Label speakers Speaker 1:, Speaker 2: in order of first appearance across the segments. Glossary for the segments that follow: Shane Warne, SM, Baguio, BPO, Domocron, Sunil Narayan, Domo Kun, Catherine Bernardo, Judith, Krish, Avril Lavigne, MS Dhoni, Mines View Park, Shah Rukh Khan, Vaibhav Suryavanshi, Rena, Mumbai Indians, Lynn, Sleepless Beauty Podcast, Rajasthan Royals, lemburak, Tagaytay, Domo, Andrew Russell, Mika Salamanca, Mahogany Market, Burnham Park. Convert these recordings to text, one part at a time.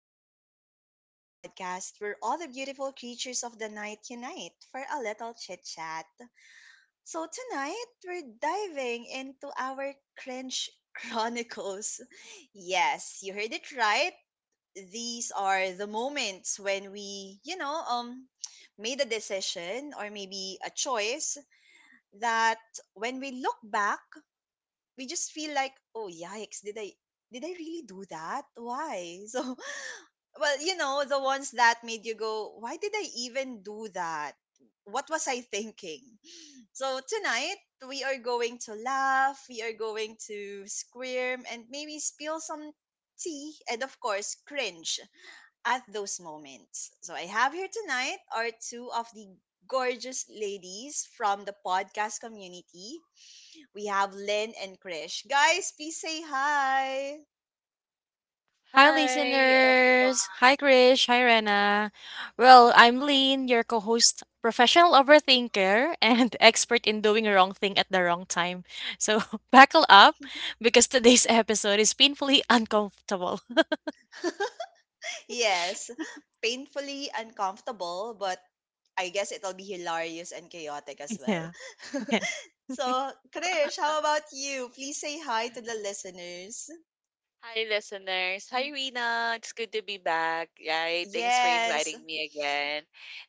Speaker 1: back to the Sleepless Beauty Podcast, where all the beautiful creatures of the night unite for a little chit chat. So, tonight, we're diving into our cringe chronicles. Yes, you heard it right. These are the moments when we, made a decision or maybe a choice that when we look back, we just feel like, oh, yikes, did I really do that? Why? So well, the ones that made you go, why did I even do that? What was I thinking? So tonight, we are going to laugh, we are going to squirm, and maybe spill some tea, and of course, cringe at those moments. So I have here tonight are two of the gorgeous ladies from the podcast community. We have Lynn and Krish. Guys, please say hi.
Speaker 2: Hi,
Speaker 3: Hi, everyone.
Speaker 2: listeners. Hi, Krish. Hi, Rena. Well, I'm Lynn, your co host, professional overthinker, and expert in doing the wrong thing at the wrong time. So, buckle up because today's episode is painfully uncomfortable.
Speaker 1: Yes, painfully uncomfortable, but I guess it'll be hilarious and chaotic as
Speaker 2: Yeah.
Speaker 1: well.
Speaker 2: Yeah.
Speaker 1: So, Krish, how about you? Please say hi to the listeners.
Speaker 3: Hi, listeners. Hi, Rina. It's good to be back. Right? Thanks for inviting
Speaker 1: Yes.
Speaker 3: me again.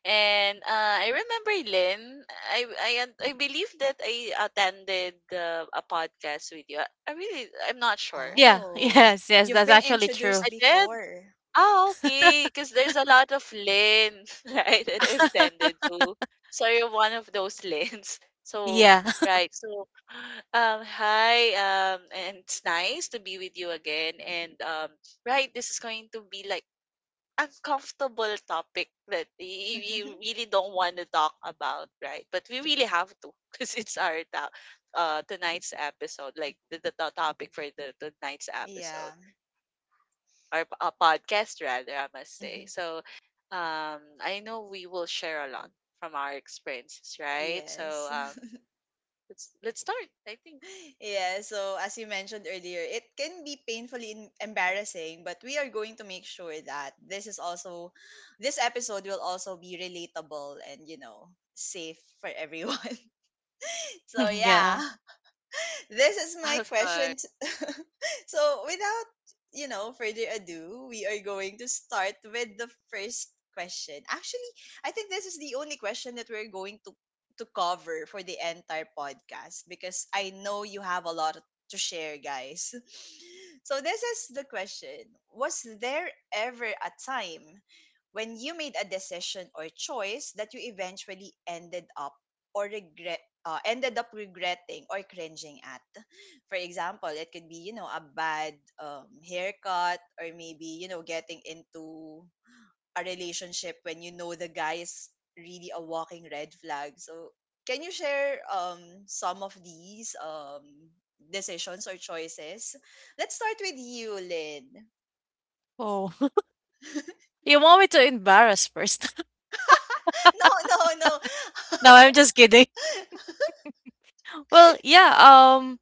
Speaker 3: And I remember Lynn. I believe that I attended a podcast with you. I really I'm not sure.
Speaker 2: Yeah.
Speaker 1: Oh,
Speaker 2: Yes. Yes. That's
Speaker 1: you've been
Speaker 2: actually true.
Speaker 3: I
Speaker 1: introduced
Speaker 3: did.
Speaker 1: before.
Speaker 3: Ah, okay, cause there's a lot of lanes, right, that I've tended to. So you're one of those lanes. So,
Speaker 2: Yeah.
Speaker 3: right. So, hi, and it's nice to be with you again. And right, this is going to be like uncomfortable topic that you really don't want to talk about, right? But we really have to, cause it's tonight's episode, like the topic for the tonight's episode
Speaker 1: Yeah.
Speaker 3: or a podcast rather, I must say. So, um, I know we will share a lot from our experiences, right? So,
Speaker 1: Yes.
Speaker 3: let's start. I think.
Speaker 1: Yeah, so as you mentioned earlier, it can be painfully embarrassing, but we are going to make sure that this episode will also be relatable and safe for everyone. So
Speaker 2: yeah.
Speaker 1: yeah, this is my
Speaker 3: Of course.
Speaker 1: question, so without further ado, we are going to start with the first question. Actually, I think this is the only question that we're going to cover for the entire podcast because I know you have a lot to share, guys. So this is the question. Was there ever a time when you made a decision or choice that you eventually ended up regretting or cringing at? For example, it could be, a bad haircut or maybe, getting into a relationship when you know the guy is really a walking red flag. So, can you share some of these decisions or choices? Let's start with you, Lynn.
Speaker 2: Oh. You want me to embarrass first?
Speaker 1: No, no, no.
Speaker 2: No, I'm just kidding. Well, yeah,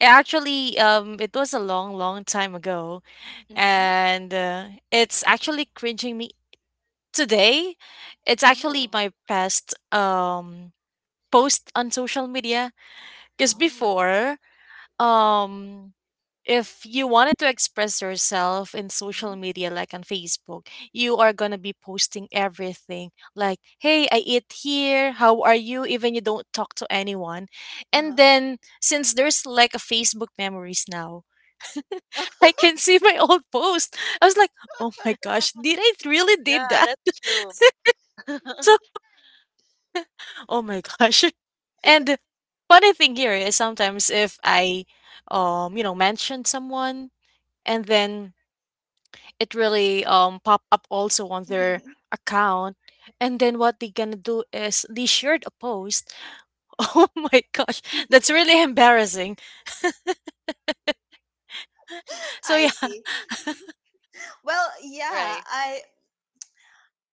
Speaker 2: actually it was a long long time ago
Speaker 1: Mm-hmm.
Speaker 2: and it's actually cringing me today. It's actually
Speaker 1: Oh,
Speaker 2: my past post on social media because
Speaker 1: oh.
Speaker 2: before um if you wanted to express yourself in social
Speaker 1: Mm-hmm.
Speaker 2: media like on Facebook, you are going to be posting everything like hey, I eat here, how are you, even you don't talk to anyone. And
Speaker 1: Uh-huh.
Speaker 2: then since there's like a Facebook memories now, I can see my old post. I was like, "Oh my gosh, did I really did
Speaker 3: Yeah,
Speaker 2: that?"
Speaker 3: that's true.
Speaker 2: So, oh my gosh. And funny thing here is sometimes if I you know, mention someone and then it really pop up also on their account, and then what they gonna do is they shared a post. Oh my gosh, that's really embarrassing. So yeah.
Speaker 1: I see. Well, yeah,
Speaker 3: Right.
Speaker 1: I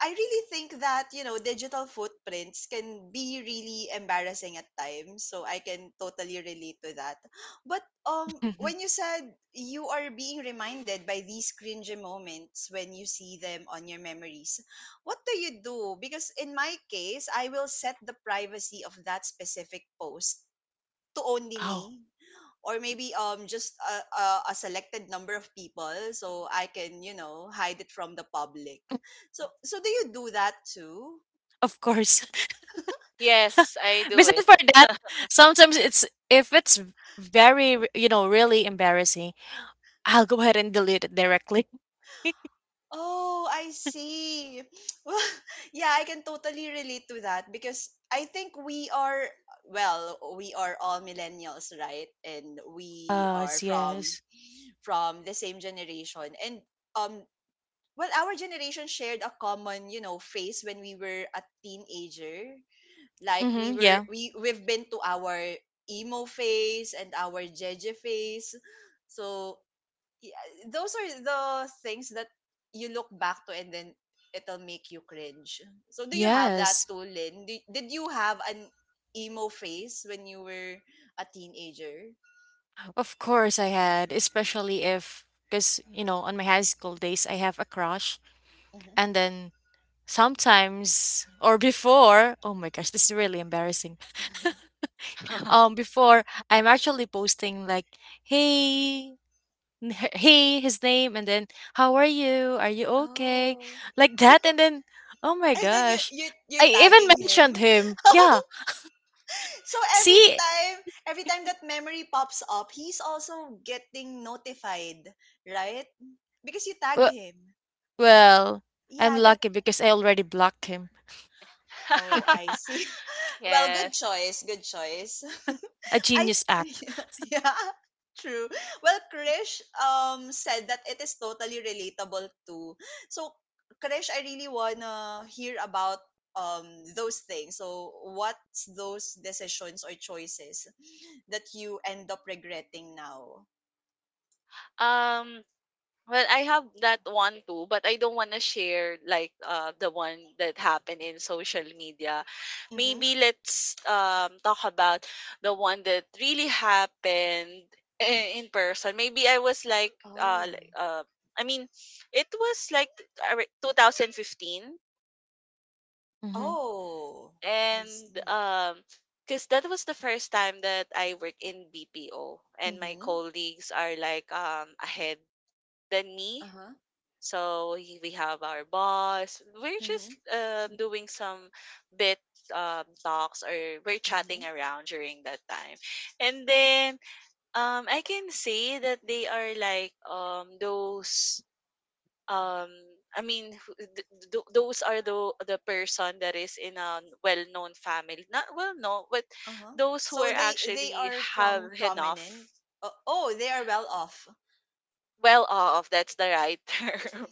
Speaker 1: I really think that, digital footprints can be really embarrassing at times. So I can totally relate to that. But when you said you are being reminded by these cringy moments when you see them on your memories, what do you do? Because in my case, I will set the privacy of that specific post to only
Speaker 2: Oh,
Speaker 1: me or maybe just a, a selected number of people so I can hide it from the public. So do you do that too?
Speaker 2: of course.
Speaker 3: Yes, I do it.
Speaker 2: Besides for that, sometimes it's, if it's very you know really embarrassing, I'll go ahead and delete it directly.
Speaker 1: Oh, I see. Well, yeah, I can totally relate to that because I think we are well, we are all millennials, right? And we
Speaker 2: Yes,
Speaker 1: are from
Speaker 2: yes.
Speaker 1: from the same generation and um well, our generation shared a common, phase when we were a teenager, like we
Speaker 2: Mm-hmm,
Speaker 1: were
Speaker 2: yeah.
Speaker 1: we we've been to our emo phase and our jeje phase. So yeah, those are the things that you look back to and then it'll make you cringe. So do you have that
Speaker 2: Yes.
Speaker 1: too, Lynn? Did you have an emo phase when you were a teenager?
Speaker 2: Of course I had, especially if, because you know on my high school days I have a crush
Speaker 1: Hmm.
Speaker 2: and then sometimes or before, oh my gosh this is really embarrassing, before I'm actually posting like, hey, he, his name, and then how are you, are you okay,
Speaker 1: Oh,
Speaker 2: like that, and then oh my
Speaker 1: and then you
Speaker 2: gosh
Speaker 1: you
Speaker 2: I
Speaker 1: you're
Speaker 2: even
Speaker 1: tagging him.
Speaker 2: mentioned him, yeah,
Speaker 1: So
Speaker 2: see.
Speaker 1: every time that memory pops up, he's also getting notified, right? Because you tagged
Speaker 2: w-
Speaker 1: him.
Speaker 2: well, I'm
Speaker 1: Yeah, that.
Speaker 2: lucky because I already blocked him.
Speaker 1: Oh, I see. Well, good
Speaker 3: yes.
Speaker 1: choice. Good choice.
Speaker 2: A
Speaker 1: I
Speaker 2: genius act.
Speaker 1: yeah, yeah, true. Well, Krish said that it is totally relatable too. So, Krish, I really wanna hear about um those things. So, what's those decisions or choices that you end up regretting now?
Speaker 3: Um. Well, I have that one too, but I don't want to share like the one that happened in social media.
Speaker 1: Mhm.
Speaker 3: Maybe let's talk about the one that really happened in person. Maybe I was
Speaker 1: Oh.
Speaker 3: like, I mean it was like 2015
Speaker 2: Hmm.
Speaker 1: Oh, I
Speaker 3: and
Speaker 1: see.
Speaker 3: because that was the first time that I worked in BPO and my
Speaker 1: Mhm.
Speaker 3: colleagues are like ahead than me.
Speaker 1: Uh-huh.
Speaker 3: So we have our boss. We're just
Speaker 1: Mhm.
Speaker 3: doing some bit talks or we're chatting
Speaker 1: Mhm.
Speaker 3: around during that time. And then I can say that they are like those. Um, I mean, those are the person that is in a well-known family. Not well-known, but
Speaker 1: Uh-huh.
Speaker 3: those who
Speaker 1: So
Speaker 3: are
Speaker 1: they
Speaker 3: actually
Speaker 1: are
Speaker 3: have
Speaker 1: from
Speaker 3: enough,
Speaker 1: prominent. Oh, oh, they are well off.
Speaker 3: well off, that's the right term.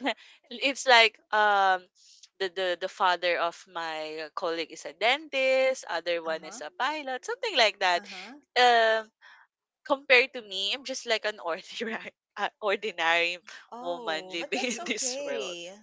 Speaker 3: It's like the father of my colleague is a dentist, other one
Speaker 1: Uh-huh.
Speaker 3: is a pilot, something like that.
Speaker 1: Uh-huh.
Speaker 3: um Compared to me, I'm just like an ordinary ordinary woman
Speaker 1: Oh, but
Speaker 3: living
Speaker 1: that's
Speaker 3: in this world.
Speaker 1: okay.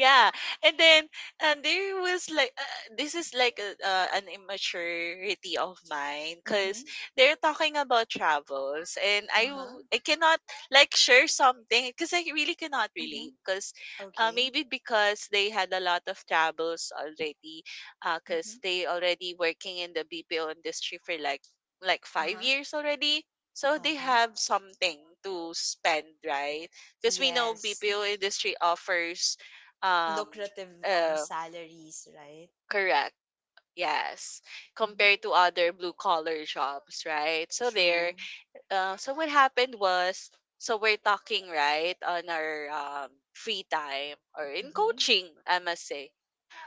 Speaker 3: Yeah, and then, and there was like this is like a, an immaturity of mine because
Speaker 1: Mhm.
Speaker 3: they're talking about travels and
Speaker 1: Uh-huh.
Speaker 3: I cannot like share something because I really cannot relate
Speaker 1: Mhm.
Speaker 3: because
Speaker 1: Okay.
Speaker 3: maybe because they had a lot of travels already because
Speaker 1: Mhm.
Speaker 3: they already working in the BPO industry for like five
Speaker 1: Uh-huh.
Speaker 3: years already, so they
Speaker 1: Uh-huh.
Speaker 3: have something to spend, right? Because we know
Speaker 1: Yes.
Speaker 3: BPO industry offers, um,
Speaker 1: Lucrative
Speaker 3: uh,
Speaker 1: salaries, right?
Speaker 3: correct. Yes,
Speaker 1: Mhm.
Speaker 3: compared to other blue collar jobs, right? So there,
Speaker 1: True.
Speaker 3: so what happened was, so we're talking right on our free time or in
Speaker 1: Mhm.
Speaker 3: coaching, I must say,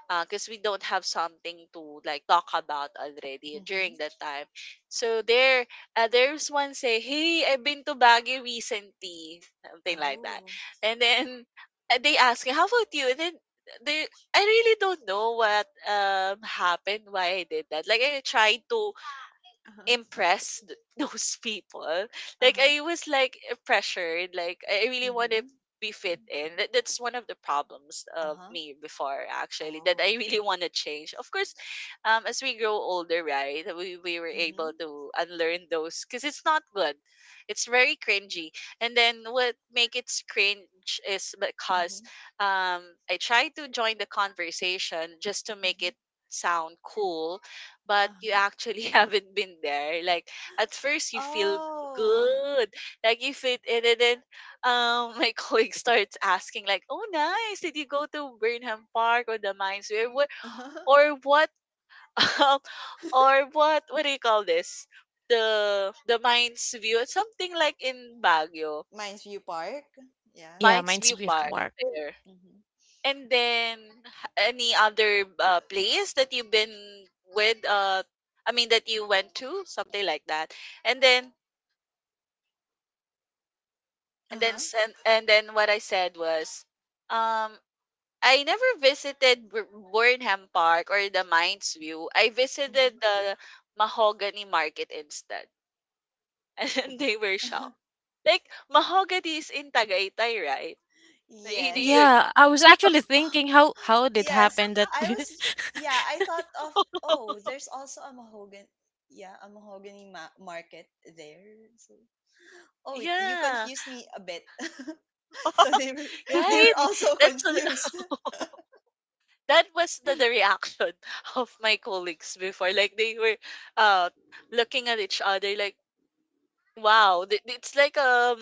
Speaker 3: because we don't have something to like talk about already
Speaker 1: Mhm.
Speaker 3: during that time. So there, there's one say, "Hey, I've been to Baguio recently," something like that,
Speaker 1: Oh.
Speaker 3: and then they ask me, "How about you?" And then they, I really don't know what happened, why I did that. Like I tried to
Speaker 1: Uh-huh.
Speaker 3: impress those people. Like
Speaker 1: Uh-huh.
Speaker 3: I was like eh, pressured. Like I really want to
Speaker 1: Mhm.
Speaker 3: be fit in. That's one of the problems of
Speaker 1: Uh-huh.
Speaker 3: me before actually. That I
Speaker 1: Oh.
Speaker 3: really want to change. Of course, as we grow older, right, we were able
Speaker 1: Mm-hmm.
Speaker 3: to unlearn those because it's not good. It's very cringy. And then what make it cringe is because
Speaker 1: Mm-hmm.
Speaker 3: um I try to join the conversation just to make
Speaker 1: Hmm.
Speaker 3: it sound cool, but you
Speaker 1: Uh-huh.
Speaker 3: actually haven't been there. Like at first you feel
Speaker 1: Oh.
Speaker 3: good, like you fit in, and then my colleague starts asking like, "Oh, nice! Did you go to Burnham Park or the mines? Or what?
Speaker 1: Uh-huh.
Speaker 3: Or what? Um, or what? What do you call this? The mines view? Something like in Baguio,
Speaker 1: Mines View Park. Yeah.
Speaker 2: Yeah,
Speaker 3: mines
Speaker 2: mine's
Speaker 3: view
Speaker 2: with
Speaker 3: park."
Speaker 2: Mark.
Speaker 3: There.
Speaker 1: Mm-hmm.
Speaker 3: And then any other place that you've been with I mean that you went to, something like that. And then
Speaker 1: Uh-huh.
Speaker 3: and then what I said was um I never visited Burnham Park or the Mines View. I
Speaker 1: Hmm.
Speaker 3: visited the Mahogany Market instead. And they were shocked. Like mahogany is in Tagaytay, right? Y- y-
Speaker 1: Yes.
Speaker 3: y-
Speaker 2: Yeah, I was actually
Speaker 1: Oh,
Speaker 2: thinking how did
Speaker 1: yes.
Speaker 2: happen that.
Speaker 1: I was yeah, I thought of, oh, there's also a Mahogan yeah, a mahogany market there. So, oh, you
Speaker 3: Yeah,
Speaker 1: confused me a bit. so they were they
Speaker 3: right?
Speaker 1: were also
Speaker 3: That's
Speaker 1: confused.
Speaker 3: that was the reaction of my colleagues before, like they were uh looking at each other like, wow, it's like um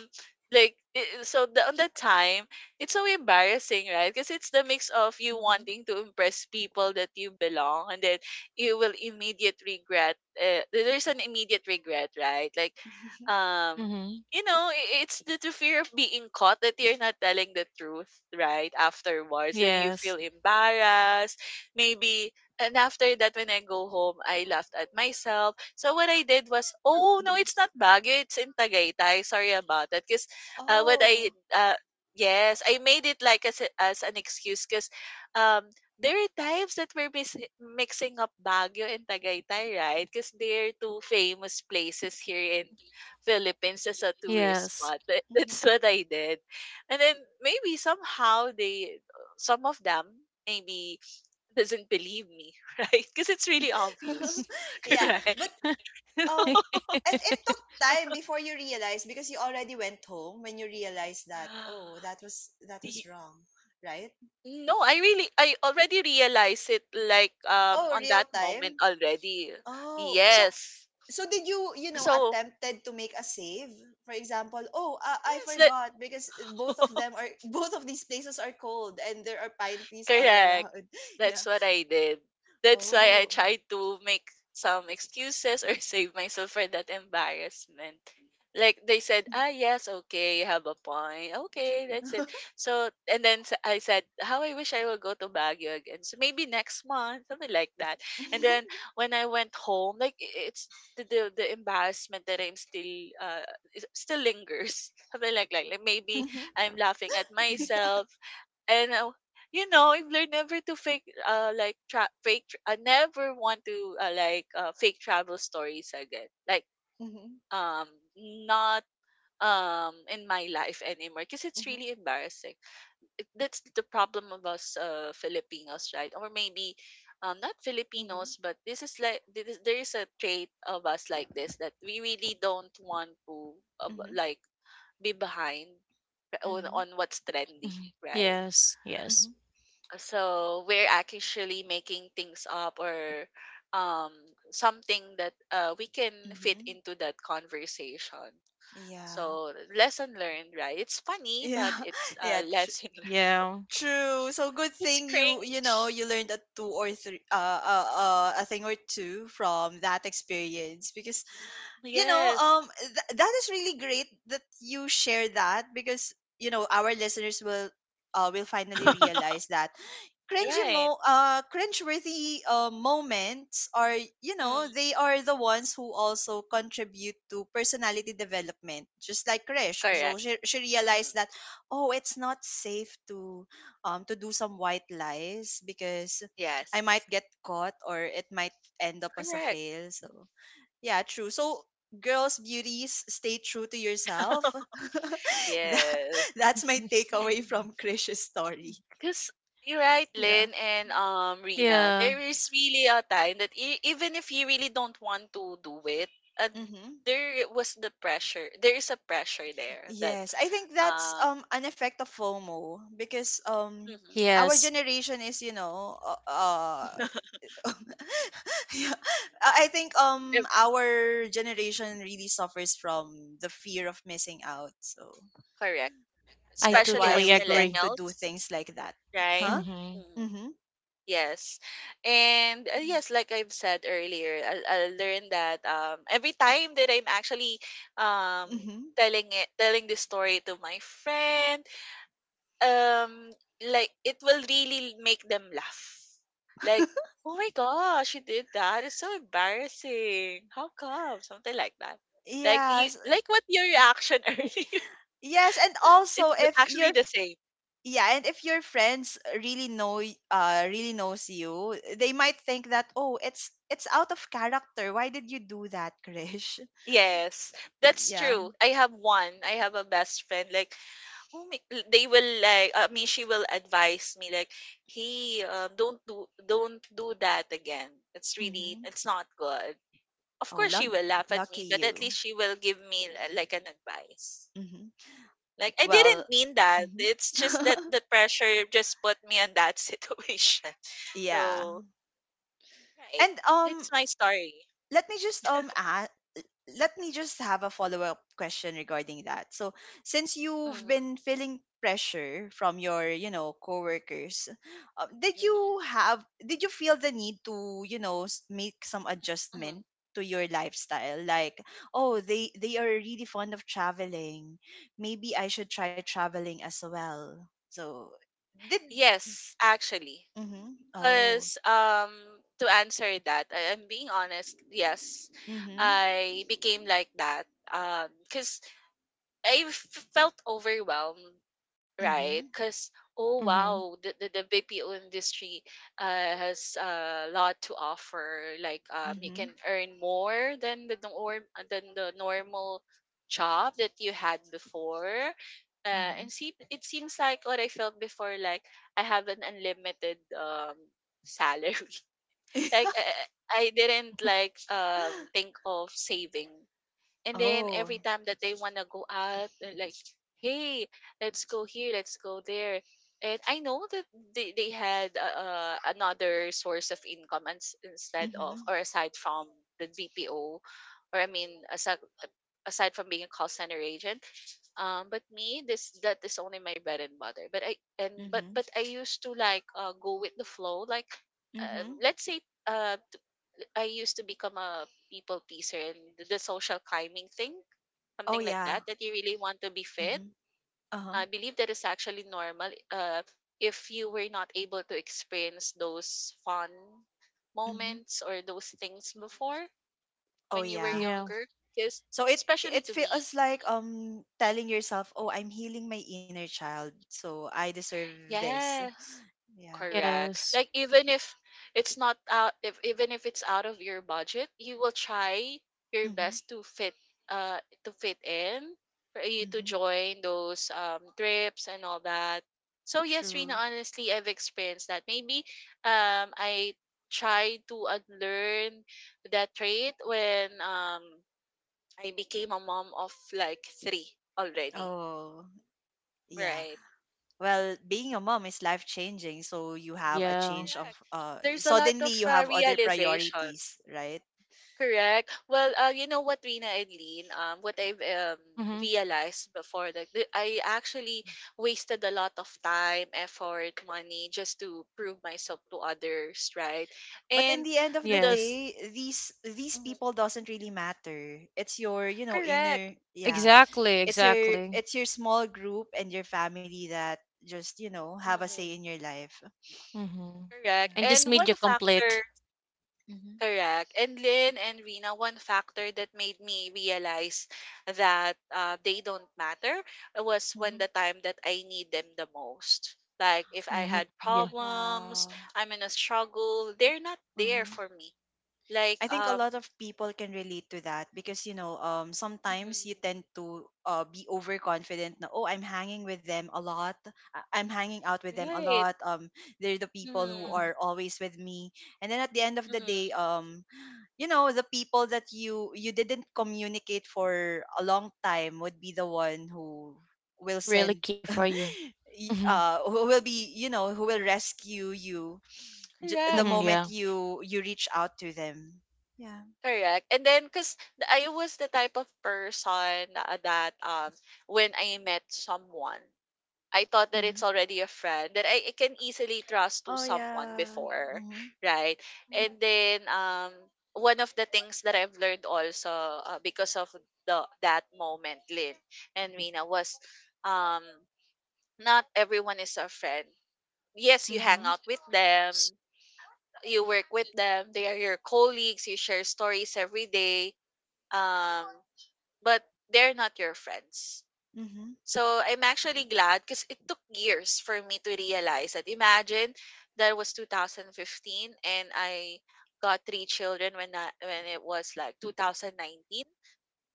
Speaker 3: like i- so on that time it's so embarrassing, right? Because it's the mix of you
Speaker 1: Hmm.
Speaker 3: wanting to impress people that you belong, and then you will immediate regret. There's an immediate regret, right? Like,
Speaker 1: Hmm.
Speaker 3: um,
Speaker 2: Mhm.
Speaker 3: you know, it's the fear of being caught that you're not telling the truth, right? Afterwards, then you feel
Speaker 2: Yes.
Speaker 3: embarrassed. Maybe and after that, when I go home, I laughed at myself. So what I did was, oh no, it's not Baguio, it's in Tagaytay. Sorry about that. Because uh, what I,
Speaker 1: Oh.
Speaker 3: uh, yes, I made it like as an excuse because um, there are times that we're mixing up Baguio and Tagaytay, right? Because they're two famous places here in Philippines as a tourist
Speaker 2: Yes.
Speaker 3: spot.
Speaker 1: Hmm.
Speaker 3: That's what I did. And then maybe somehow some of them, maybe doesn't believe me, right? Because it's really obvious,
Speaker 1: yeah,
Speaker 3: right?
Speaker 1: but um, and it took time before you realized because you already went home when you realized that, oh, that was
Speaker 3: Y-
Speaker 1: wrong, right?
Speaker 3: no, I already realized it like
Speaker 1: Oh,
Speaker 3: on
Speaker 1: real
Speaker 3: that moment
Speaker 1: time.
Speaker 3: already.
Speaker 1: Oh, so
Speaker 3: Yes.
Speaker 1: did you you know
Speaker 3: So,
Speaker 1: attempted to make a save? For example, oh, I
Speaker 3: yes, that.
Speaker 1: forgot because both of them are both of these places are cold and there are pine trees all
Speaker 3: Correct.
Speaker 1: around. Yeah.
Speaker 3: That's what I did. That's why I
Speaker 1: Oh.
Speaker 3: tried to make some excuses or save myself for that embarrassment. Like they said, ah, yes, okay, you have a point. Okay, that's it. So, I said, how I wish I would go to Baguio again. So maybe next month, something like that. And then when I went home, like it's the embarrassment that I'm still lingers. Something like, like maybe
Speaker 1: Mhm.
Speaker 3: I'm laughing at
Speaker 1: Yeah.
Speaker 3: myself and you know, I've learned never to fake I never want to fake travel stories again, like
Speaker 1: Mhm.
Speaker 3: um not in my life anymore because it's
Speaker 1: Mhm.
Speaker 3: really embarrassing. That's the problem of us Filipinos, right? Or maybe not
Speaker 1: Mhm.
Speaker 3: Filipinos, but this is like there is a trait of us like this that we really don't want to uh,
Speaker 1: Mhm.
Speaker 3: like be behind
Speaker 1: Mhm.
Speaker 3: on what's trendy,
Speaker 2: Mhm.
Speaker 3: right?
Speaker 2: Yes,
Speaker 1: Mhm.
Speaker 2: yes.
Speaker 3: So we're actually making things up or um something that we can fit
Speaker 1: Mhm.
Speaker 3: into that conversation.
Speaker 1: Yeah.
Speaker 3: So lesson learned, right? It's funny,
Speaker 1: Yeah.
Speaker 3: but it's a
Speaker 1: Yeah,
Speaker 3: lesson learned.
Speaker 2: Yeah.
Speaker 1: true. So good
Speaker 3: It's
Speaker 1: thing
Speaker 3: cringe.
Speaker 1: you learned a two or three, uh, a thing or two from that experience because
Speaker 3: Yes.
Speaker 1: that is really great that you share that because our listeners will finally realize that cringy
Speaker 3: Right.
Speaker 1: mo cringeworthy, moments are,
Speaker 3: Mm,
Speaker 1: they are the ones who also contribute to personality development, just like Krish. So
Speaker 3: correct.
Speaker 1: she
Speaker 3: Mm,
Speaker 1: realized that, oh, it's not safe to do some white lies because I might
Speaker 3: yes.
Speaker 1: get caught or it might end up as a
Speaker 3: Correct.
Speaker 1: fail, so yeah, true.
Speaker 3: Mm.
Speaker 1: So girls, beauties, stay true to yourself. that,
Speaker 3: Yes.
Speaker 1: that's my takeaway from Krish's story.
Speaker 3: Because you're right,
Speaker 1: Yeah.
Speaker 3: Lynn and Rina.
Speaker 2: Yeah.
Speaker 3: There is really a time that even if you really don't want to do it, uh,
Speaker 1: Mhm.
Speaker 3: there was the pressure. There is a pressure there that
Speaker 1: Yes, I think that's
Speaker 3: um
Speaker 1: an effect of FOMO because
Speaker 3: mhm.
Speaker 1: our
Speaker 2: Yes.
Speaker 1: generation is, yeah, I think
Speaker 3: Eh,
Speaker 1: our generation really suffers from the fear of missing out. So
Speaker 3: correct,
Speaker 2: I
Speaker 1: that's
Speaker 3: especially
Speaker 1: why
Speaker 2: totally
Speaker 3: as
Speaker 1: we tend
Speaker 2: agree.
Speaker 1: to do
Speaker 3: millennials,
Speaker 1: things like that.
Speaker 3: right?
Speaker 1: Huh?
Speaker 2: Mhm.
Speaker 3: Mm,
Speaker 1: Mhm.
Speaker 3: yes, and yes, like I've said earlier, I learned that every time that I'm actually um
Speaker 1: Mhm.
Speaker 3: telling this story to my friend. Um, like it will really make them laugh. Like, oh my gosh, you did that. It's so embarrassing. How come? Something like that. Like you
Speaker 1: Yes.
Speaker 3: like what your reaction earlier.
Speaker 1: Yes, and also if
Speaker 3: Actually
Speaker 1: you're
Speaker 3: the same.
Speaker 1: yeah, and if your friends really really knows you, they might think that, oh, it's out of character, why did you do that, Krish?
Speaker 3: Yes, that's
Speaker 1: Yeah.
Speaker 3: true. I have one. I have a best friend. Like, oh my, l- they will like. I mean, she will advise me like, "Hey, don't don't do that again. It's really,
Speaker 1: Hmm.
Speaker 3: it's not good." Of
Speaker 1: Oh,
Speaker 3: course she will laugh at
Speaker 1: lucky
Speaker 3: me, but at
Speaker 1: you.
Speaker 3: least she will give me like an advice.
Speaker 1: Hmm.
Speaker 3: Like I
Speaker 1: Well.
Speaker 3: didn't mean that.
Speaker 1: Hmm.
Speaker 3: It's just that the pressure just put me in that situation.
Speaker 1: Yeah,
Speaker 3: So right,
Speaker 1: and
Speaker 3: that's my story.
Speaker 1: let me just ask, let me just have a follow up question regarding that. So, since you've
Speaker 3: Hmm.
Speaker 1: been feeling pressure from your, coworkers,
Speaker 3: Hmm.
Speaker 1: did you feel the need to, make some
Speaker 3: Hmm.
Speaker 1: adjustment to your lifestyle? Like, oh, they are really fond of traveling. Maybe I should try traveling as well. So, did
Speaker 3: Yes, actually,
Speaker 1: mhm. Oh.
Speaker 3: because to answer that, I'm being honest. Yes,
Speaker 1: Mhm.
Speaker 3: I became like that. Because felt overwhelmed, right?
Speaker 1: Mhm.
Speaker 3: Because oh
Speaker 2: Mhm.
Speaker 3: wow, the BPO industry has a lot to offer. Like you can
Speaker 1: Mhm.
Speaker 3: earn more than the norm than the normal job that you had before. And
Speaker 1: Mhm.
Speaker 3: see, it seems like what I felt before, like I have an unlimited salary. Like
Speaker 1: Mhm.
Speaker 3: I didn't like think of saving, and then every
Speaker 1: Oh.
Speaker 3: time that they want to go out, they're like, hey, let's go here, let's go there. And I know that they had another source of income instead of, or
Speaker 1: Mhm.
Speaker 3: aside from the BPO, or I mean, aside, aside from being a call center agent. But me, this that is only my bread and butter. But I and but
Speaker 1: Mhm.
Speaker 3: I used to like go with the flow.
Speaker 1: Mhm.
Speaker 3: Let's say, uh, I used to become a people pleaser and the social climbing thing,
Speaker 1: Oh
Speaker 3: something like
Speaker 1: yeah.
Speaker 3: that, that you really want to be fit.
Speaker 1: Mhm.
Speaker 3: I
Speaker 1: Uh-huh.
Speaker 3: believe that is actually normal, if you were not able to experience those fun
Speaker 1: Mhm.
Speaker 3: moments or those things before when
Speaker 1: Oh
Speaker 3: you were
Speaker 1: yeah.
Speaker 2: Yeah.
Speaker 3: younger, because
Speaker 1: So it
Speaker 3: especially
Speaker 1: it
Speaker 3: to me.
Speaker 1: feels like, telling yourself, "Oh, I'm healing my inner child, so I deserve this."
Speaker 3: Yes.
Speaker 1: Yeah.
Speaker 3: Correct.
Speaker 2: Yes.
Speaker 3: Like even if it's not out, if even if it's out of your budget, you will try your
Speaker 1: Mhm.
Speaker 3: best to fit, uh to fit in for you to
Speaker 1: Mhm.
Speaker 3: join those trips and all that. So yes, Rina,
Speaker 1: True.
Speaker 3: honestly, I've experienced that. Maybe I tried to unlearn that trait when I became a mom of like three already.
Speaker 1: Oh, yeah.
Speaker 3: Right.
Speaker 1: Well, being a mom is life-changing, so you have a
Speaker 2: Yeah.
Speaker 1: change
Speaker 3: Correct.
Speaker 1: of
Speaker 3: There's a lot of,
Speaker 1: suddenly you have other
Speaker 3: realization.
Speaker 1: priorities, right?
Speaker 3: Correct. Well, you know what, Rina and Lean, what I've
Speaker 2: Mhm.
Speaker 3: realized before that I actually wasted a lot of time, effort, money just to prove myself to others, right?
Speaker 1: But in
Speaker 3: And
Speaker 1: the end of the
Speaker 3: the
Speaker 2: Yes.
Speaker 1: day, these
Speaker 3: Mhm.
Speaker 1: people doesn't really matter, it's your
Speaker 3: Correct.
Speaker 1: inner, yeah,
Speaker 2: Exactly,
Speaker 1: it's your
Speaker 2: exactly.
Speaker 1: it's your small group and your family that just have a
Speaker 3: Mhm.
Speaker 1: say in your life.
Speaker 2: Mhm.
Speaker 3: Correct.
Speaker 2: And
Speaker 1: Yeah.
Speaker 2: just
Speaker 3: And
Speaker 2: made
Speaker 3: one
Speaker 2: you complete.
Speaker 3: factor
Speaker 1: Hmm.
Speaker 3: Correct. And Lynn and Rina, one factor that made me realize that, they don't matter, was when
Speaker 1: Hmm.
Speaker 3: the time that I need them the most. Like if I
Speaker 2: Mhm.
Speaker 3: had
Speaker 2: Yeah.
Speaker 3: problems,
Speaker 1: Wow.
Speaker 3: I'm in a struggle, they're not there
Speaker 1: Mhm.
Speaker 3: for me. Like
Speaker 1: I think a
Speaker 3: um,
Speaker 1: lot of people can relate to that because sometimes you
Speaker 3: mhm,
Speaker 1: tend to, be overconfident, na, oh, I'm hanging with them a lot, I'm hanging out with them a
Speaker 3: right.
Speaker 1: lot, they're the people
Speaker 3: Mm,
Speaker 1: who
Speaker 2: Mhm.
Speaker 1: are always with me, and then at the end of
Speaker 3: mm
Speaker 1: the day, the people that you didn't communicate for a long time would be the one who will
Speaker 2: Really
Speaker 1: send
Speaker 2: care for you. Mhm.
Speaker 1: who will rescue you, the
Speaker 3: Correct.
Speaker 2: Mhm,
Speaker 1: moment
Speaker 2: yeah.
Speaker 1: you reach out to them. Yeah.
Speaker 3: Correct. And then, cause I was the type of person, that, when I met someone. I thought that
Speaker 1: Mhm.
Speaker 3: it's already a friend that I can easily trust to
Speaker 1: Oh
Speaker 3: someone
Speaker 1: yeah.
Speaker 3: before,
Speaker 1: Mhm.
Speaker 3: right?
Speaker 2: Mm,
Speaker 3: And then one of the things that I've learned also, because of the that moment, Lynn and Mina, was, um not everyone is a friend. Yes, you hang
Speaker 1: Mhm.
Speaker 3: out with them,
Speaker 2: yes.
Speaker 3: you work with them, they are your colleagues, you share stories every day, um, but they're not your friends.
Speaker 1: Mhm.
Speaker 3: So I'm actually glad because it took years for me to realize that. Imagine, that was 2015, and I got three children when when it was like 2019.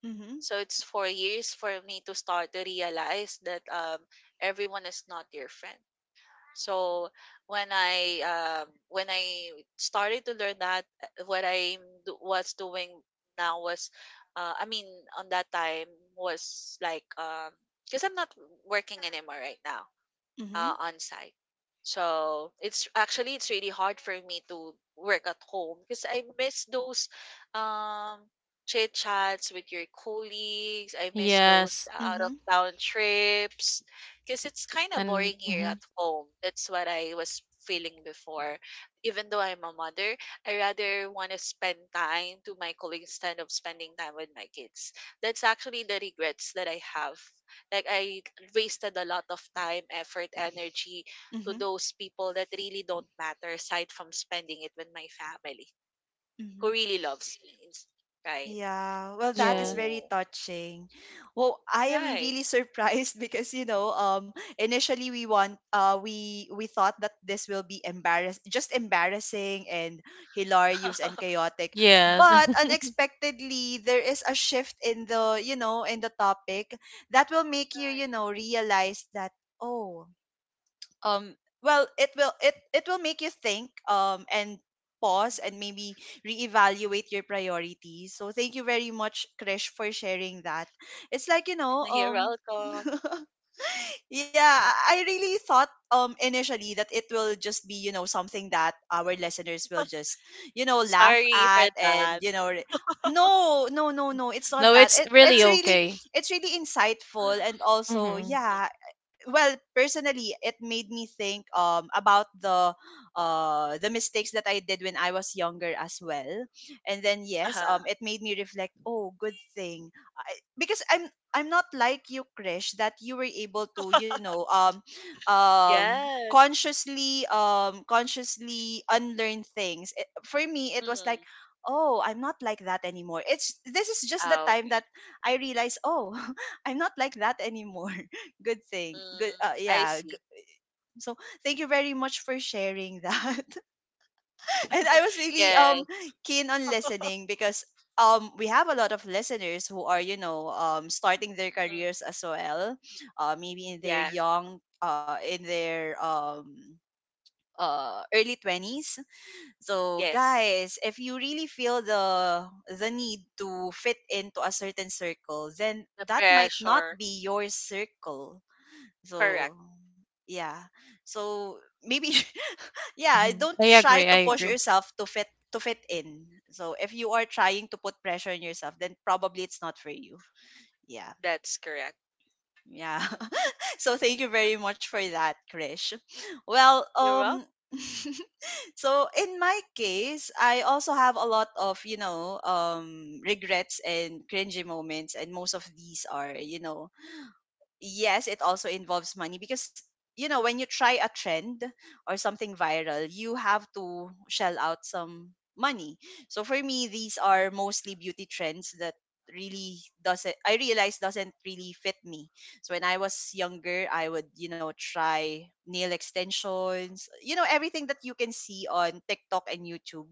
Speaker 1: Mhm.
Speaker 3: So it's 4 years for me to start to realize that, everyone is not your friend. So when I started to learn that, what I was doing now was, I mean, on that time, was like, because I'm not working anymore right now,
Speaker 1: Mhm.
Speaker 3: on site. So it's actually it's really hard for me to work at home because I miss those um chit chats with your colleagues. I miss those
Speaker 2: Yes.
Speaker 3: out of
Speaker 1: Mhm.
Speaker 3: town trips because it's kind of
Speaker 2: And
Speaker 3: boring here
Speaker 2: mhm,
Speaker 3: at home. That's what I was feeling before. Even though I'm a mother, I rather want to spend time to my colleagues instead of spending time with my kids. That's actually the regrets that I have, like I wasted a lot of time, effort, energy to
Speaker 1: Mhm.
Speaker 3: those people that really don't matter, aside from spending it with my family who
Speaker 1: Mhm.
Speaker 3: really loves me, right?
Speaker 1: Yeah. Well, that is
Speaker 2: yeah.
Speaker 1: very
Speaker 3: So,
Speaker 1: touching. Well, I am
Speaker 3: right.
Speaker 1: really surprised because initially we want, we thought that this will be just embarrassing and hilarious and chaotic,
Speaker 2: Yes.
Speaker 1: but unexpectedly there is a shift in the topic that will make you,
Speaker 3: Right.
Speaker 1: realize that, oh, um well, it will make you think, and pause and
Speaker 3: Mhm.
Speaker 1: maybe reevaluate your priorities. So thank you very much, Krish, for sharing that. It's like,
Speaker 3: You're welcome.
Speaker 1: yeah, I really thought, initially that it will just be, something that our listeners will just, laugh
Speaker 3: Sorry for
Speaker 1: at and,
Speaker 3: that.
Speaker 1: no, no, no, no, it's not
Speaker 2: No,
Speaker 1: that.
Speaker 2: it's
Speaker 1: It,
Speaker 2: really
Speaker 1: it's really
Speaker 2: okay.
Speaker 1: it's really insightful, and also,
Speaker 2: Mhm.
Speaker 3: Mhm.
Speaker 1: yeah, well, personally, it made me think, about the mistakes that I did when I was younger as well. And then yes,
Speaker 3: Uh-huh.
Speaker 1: it made me reflect, oh, good thing because I'm not like you, Krish, that you were able to,
Speaker 3: Yes.
Speaker 1: consciously unlearn things. For me, it was like,
Speaker 3: Mhm.
Speaker 1: oh, I'm not like that anymore. It's This is just the
Speaker 3: Ah,
Speaker 1: time
Speaker 3: okay.
Speaker 1: that I realized, oh, I'm not like that anymore. Good thing. Good.
Speaker 3: Mm, I
Speaker 1: Yeah.
Speaker 3: see.
Speaker 1: So thank you very much for sharing that, and I was really
Speaker 3: Yes.
Speaker 1: keen on listening because we have a lot of listeners who are starting their
Speaker 3: Mhm.
Speaker 1: careers as well, maybe in their
Speaker 3: Yeah.
Speaker 1: early 20s. So
Speaker 3: Yes.
Speaker 1: guys, if you really feel the need to fit into a certain circle, then
Speaker 3: The
Speaker 1: that might not
Speaker 3: pressure.
Speaker 1: be your circle.
Speaker 3: Correct.
Speaker 1: So yeah, so maybe yeah,
Speaker 2: Mhm.
Speaker 1: don't
Speaker 2: I
Speaker 1: try to
Speaker 2: agree. I
Speaker 1: push
Speaker 2: agree.
Speaker 1: yourself to fit in. So if you are trying to put pressure on yourself, then probably it's not for you. Yeah,
Speaker 3: That's correct.
Speaker 1: yeah. So thank you very much for that, Krish. Well,
Speaker 3: You're wrong.
Speaker 1: so in my case, I also have a lot of regrets and cringy moments, and most of these are, yes, it also involves money because when you try a trend or something viral, you have to shell out some money. So for me, these are mostly beauty trends that really doesn't I realize doesn't really fit me. So when I was younger, I would, try nail extensions, everything that you can see on TikTok and YouTube.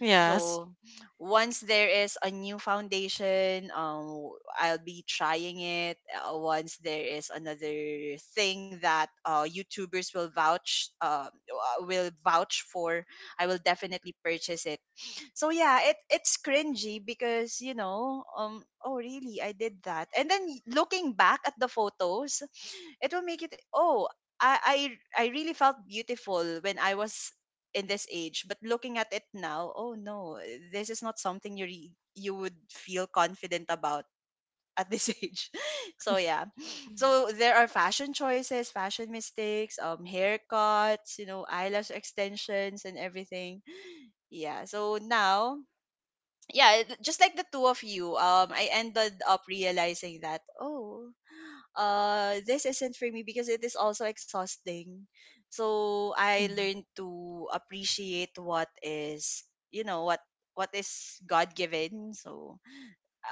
Speaker 2: Yes.
Speaker 1: So once there is a new foundation, I'll be trying it. Once there is another thing that YouTubers will will vouch for, I will definitely purchase it. So yeah, it's cringy because oh, really, I did that, and then looking back at the photos, it will make it, oh, i I really felt beautiful when I was in this age, but looking at it now, oh no, this is not something you would feel confident about at this age. So yeah, so there are fashion choices, fashion mistakes, haircuts, eyelash extensions and everything. Yeah, so now, yeah, just like the two of you, I ended up realizing that, oh, this isn't for me because it is also exhausting. So I learned to appreciate what is, what is God given. So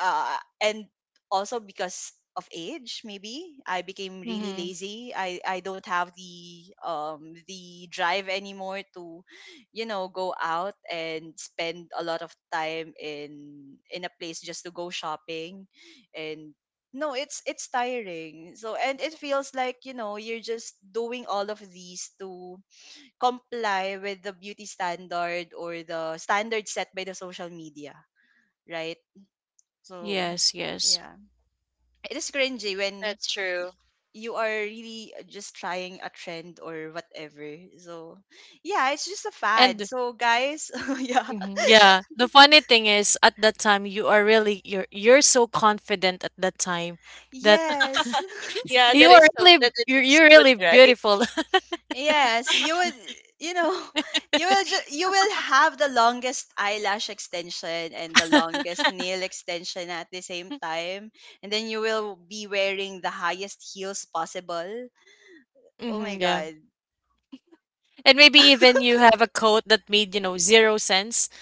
Speaker 1: and also because of age, maybe I became really
Speaker 2: Mm-hmm.
Speaker 1: lazy. I don't have the drive anymore to, go out and spend a lot of time in a place just to go shopping. And no, it's tiring, so, and it feels like, you're just doing all of these to comply with the beauty standard, or the standard set by the social media, right? So,
Speaker 2: Yes, yes.
Speaker 1: yeah. It is cringy when
Speaker 3: That's true.
Speaker 1: you are really just trying a trend or whatever. So yeah, it's just a fad.
Speaker 2: And
Speaker 1: So guys, yeah.
Speaker 2: mhm, yeah, the funny thing is at that time you are really, you're so confident at that time that
Speaker 1: Yes.
Speaker 3: Yeah,
Speaker 2: you
Speaker 3: that
Speaker 2: are
Speaker 3: is so that
Speaker 2: really,
Speaker 3: it looks
Speaker 2: you're
Speaker 3: good,
Speaker 2: really
Speaker 3: right?
Speaker 2: beautiful.
Speaker 1: Yes, you would, you know, you will have the longest eyelash extension and the longest nail extension at the same time, and then you will be wearing the highest heels possible. Oh my
Speaker 2: Hmm, yeah.
Speaker 1: god.
Speaker 2: And maybe even you have a coat that made, you know, zero sense.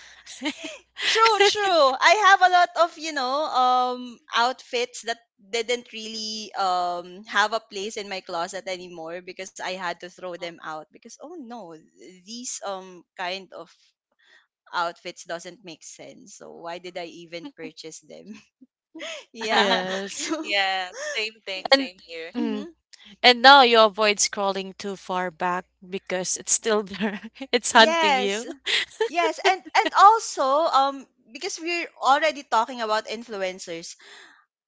Speaker 1: True, true. I have a lot of, outfits that didn't really have a place in my closet anymore because I had to throw them out because, oh no, these kind of outfits doesn't make sense. So why did I even purchase them? Yeah.
Speaker 2: Yes.
Speaker 1: So
Speaker 3: Yeah, same thing,
Speaker 2: And
Speaker 3: same here.
Speaker 2: mm,
Speaker 1: mhm.
Speaker 2: and now you avoid scrolling too far back because it's still there. It's hunting
Speaker 1: Yes.
Speaker 2: you.
Speaker 1: Yes, and also, um because we're already talking about influencers,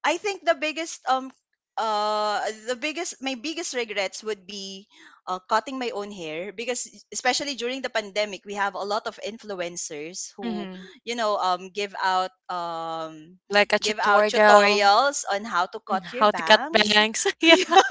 Speaker 1: I think uh the biggest my biggest regrets would be, cutting my own hair, because especially during the pandemic, we have a lot of influencers who
Speaker 2: Hmm.
Speaker 1: give
Speaker 2: Like a
Speaker 1: out
Speaker 2: tutorial,
Speaker 1: tutorials on how to
Speaker 2: mm,
Speaker 1: cut your
Speaker 2: how to cut
Speaker 1: bangs.
Speaker 2: bangs. Yeah.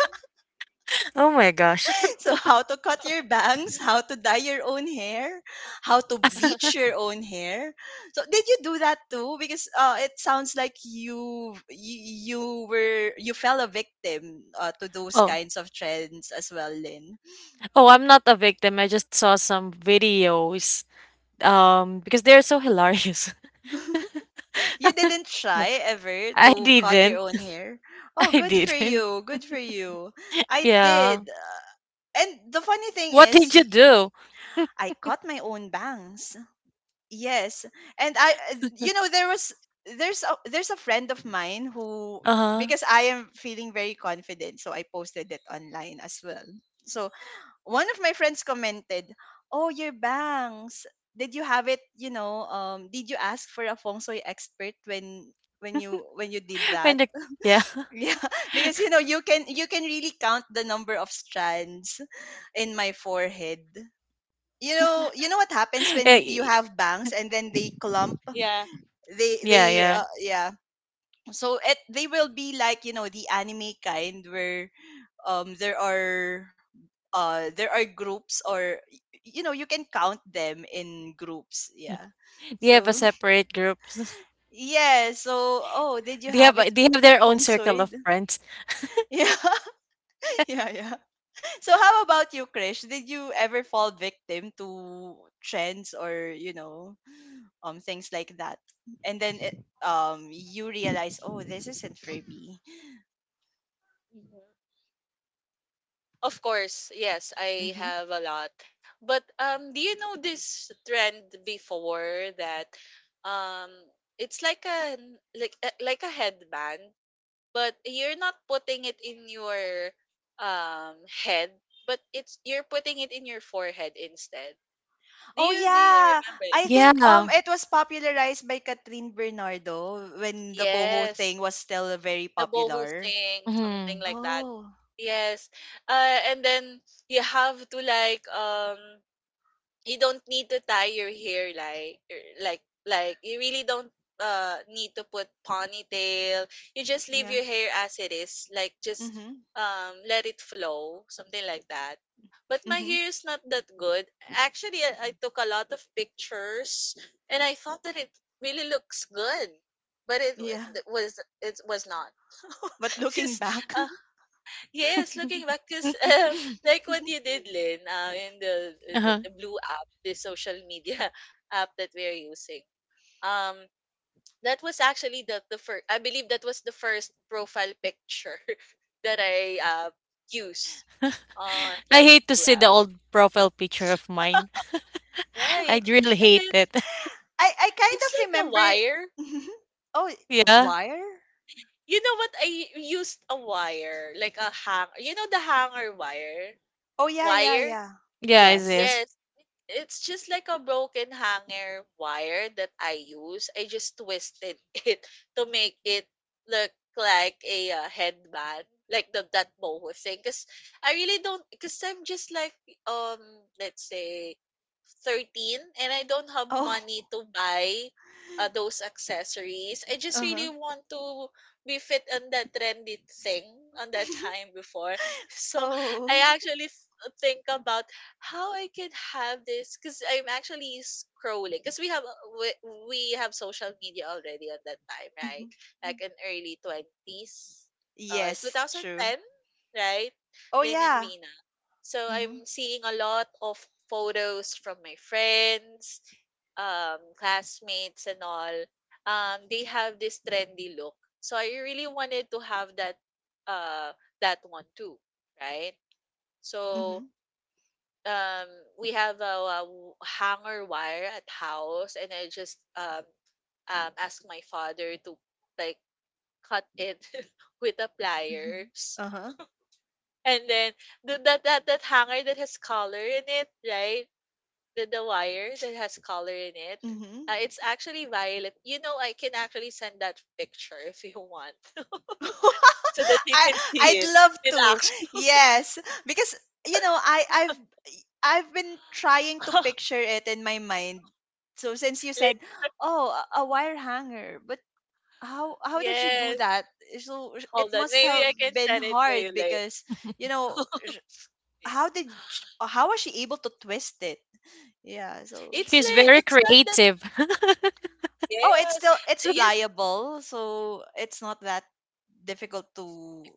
Speaker 2: Oh my gosh.
Speaker 1: So how to cut your bangs, how to dye your own hair, how to bleach your own hair. So did you do that too? Because it sounds like you fell a victim, to those
Speaker 2: Oh,
Speaker 1: kinds of trends as well, Lynn.
Speaker 2: oh, I'm not a victim. I just saw some videos. Because they're so hilarious.
Speaker 1: You didn't
Speaker 2: Yeah.
Speaker 1: try ever
Speaker 2: I
Speaker 1: to cut your
Speaker 2: didn't.
Speaker 1: own hair. Oh,
Speaker 2: I
Speaker 1: good for
Speaker 2: didn't.
Speaker 1: you. Good for you. I
Speaker 2: Yeah.
Speaker 1: did. And the funny thing
Speaker 2: What
Speaker 1: is,
Speaker 2: did you do?
Speaker 1: I cut my own bangs. Yes. And I there's a friend of mine who,
Speaker 2: Uh-huh.
Speaker 1: because I am feeling very confident, so I posted it online as well. So one of my friends commented, "Oh, your bangs. Did you have it, you know, did you ask for a feng shui expert when when you did
Speaker 2: When
Speaker 1: that?"
Speaker 2: the yeah.
Speaker 1: Yeah, because you can really count the number of strands in my forehead. You know what happens when you
Speaker 2: Eh,
Speaker 1: have bangs and then they clump.
Speaker 3: Yeah,
Speaker 2: yeah,
Speaker 1: They
Speaker 3: correct.
Speaker 2: yeah.
Speaker 1: Yeah, so it they will be like, the anime kind where there are, there are groups, or you know, you can count them in groups. Yeah,
Speaker 2: Do you have a
Speaker 1: so
Speaker 2: separate group?
Speaker 1: yeah, so, oh, did you
Speaker 2: Do you have
Speaker 1: have
Speaker 2: a,
Speaker 1: it
Speaker 2: do you have their own
Speaker 1: feng
Speaker 2: circle
Speaker 1: shui?
Speaker 2: of friends?
Speaker 1: Yeah. Yeah, yeah. So how about you, Krish, did you ever fall victim to trends or, things like that, and then you realize, oh, this isn't for me?
Speaker 3: Mhm. Of course, yes, I
Speaker 1: Mm-hmm.
Speaker 3: have a lot. But, do you know this trend before, that, um it's like a headband, but you're not putting it in your, um head, but it's you're putting it in your forehead instead. Do
Speaker 1: Oh
Speaker 3: you do you
Speaker 1: yeah,
Speaker 3: remember?
Speaker 1: I think
Speaker 2: Yeah.
Speaker 1: it was popularized by Catherine Bernardo when the boho thing
Speaker 3: Yes,
Speaker 1: was still very
Speaker 3: the boho
Speaker 1: popular.
Speaker 3: sing, something
Speaker 2: Mhm.
Speaker 3: like that.
Speaker 1: Oh,
Speaker 3: Yes. And then you have to like, you don't need to tie your hair, like you really don't need to put ponytail. You just leave
Speaker 1: yeah.
Speaker 3: your hair as it is, like just
Speaker 1: Mhm.
Speaker 3: let it flow, something like that. But my
Speaker 1: Mhm.
Speaker 3: hair is not that good, actually I took a lot of pictures, and I thought that it really looks good, but it, w-
Speaker 1: Yeah.
Speaker 3: it was it was not.
Speaker 1: But looking
Speaker 3: Just...
Speaker 1: back,
Speaker 3: Yes, looking back, because, like what you did, Lynn, in the, uh, the
Speaker 2: Uh-huh.
Speaker 3: the blue app, the social media app that we're using, um, that was actually the first. I believe that was the first profile picture that I used on
Speaker 2: I
Speaker 3: that
Speaker 2: hate to
Speaker 3: blue
Speaker 2: see the
Speaker 3: app,
Speaker 2: old profile picture of mine.
Speaker 3: right?
Speaker 2: I really
Speaker 3: And
Speaker 2: hate
Speaker 3: then
Speaker 2: it.
Speaker 1: I kind
Speaker 3: it's
Speaker 1: of
Speaker 3: like a
Speaker 1: remember.
Speaker 3: wire.
Speaker 1: Mhm. Oh,
Speaker 2: Yeah.
Speaker 1: wire?
Speaker 3: You know what? I used a wire, like a hang. You know the hanger wire,
Speaker 1: Oh yeah, yeah,
Speaker 3: wire.
Speaker 1: yeah.
Speaker 2: Yeah, it
Speaker 1: Yes.
Speaker 2: is.
Speaker 3: Yes, it's just like a broken hanger wire that I use. I just twisted it to make it look like a, headband, like the that boho thing. Cause I really don't. Cause I'm just like, um, let's say 13, and I don't have
Speaker 1: Oh.
Speaker 3: money to buy, those accessories. I just
Speaker 1: Uh-huh.
Speaker 3: really want to be fit on that trendy thing on that time before. So I
Speaker 1: Oh.
Speaker 3: actually think about how I can have this, because I'm actually scrolling, because we have social media already at that time, right?
Speaker 1: Mhm.
Speaker 3: Like in early 20s or
Speaker 1: Yes, true.
Speaker 3: 2010, right?
Speaker 1: Oh
Speaker 3: Lynn and
Speaker 1: yeah.
Speaker 3: Rina. So
Speaker 1: Mhm.
Speaker 3: I'm seeing a lot of photos from my friends, classmates and all. They have this trendy look. So I really wanted to have uh that one too, right? So
Speaker 1: Mhm.
Speaker 3: um we have a hanger wire at house, and I just asked my father to like cut it with the
Speaker 1: Mhm.
Speaker 3: pliers.
Speaker 1: Uh-huh.
Speaker 3: And then the, that that that hanger that has color in it, right? The wire that has color in it.
Speaker 1: Mm-hmm.
Speaker 3: It's actually violet. You know, I can actually send that picture if you want, so that you
Speaker 1: I
Speaker 3: can see
Speaker 1: I'd
Speaker 3: it
Speaker 1: love
Speaker 3: in
Speaker 1: to.
Speaker 3: action.
Speaker 1: Yes, because you know, I I've I've been trying to picture it in my mind. So since you
Speaker 3: Like,
Speaker 1: said, "Oh, a wire hanger," but how did she do
Speaker 3: yes,
Speaker 1: that? So it
Speaker 3: hold on.
Speaker 1: must
Speaker 3: Maybe
Speaker 1: have
Speaker 3: I can
Speaker 1: been
Speaker 3: send it to you
Speaker 1: hard
Speaker 3: later.
Speaker 1: because, you know, sh-
Speaker 3: Yeah.
Speaker 1: how was she able to twist it? Yeah, so,
Speaker 3: It's
Speaker 2: She's
Speaker 3: like
Speaker 2: very
Speaker 3: it's not that.
Speaker 2: creative.
Speaker 1: oh, it's
Speaker 3: Yes,
Speaker 1: still, it's
Speaker 3: yes.
Speaker 1: pliable, so it's not that difficult to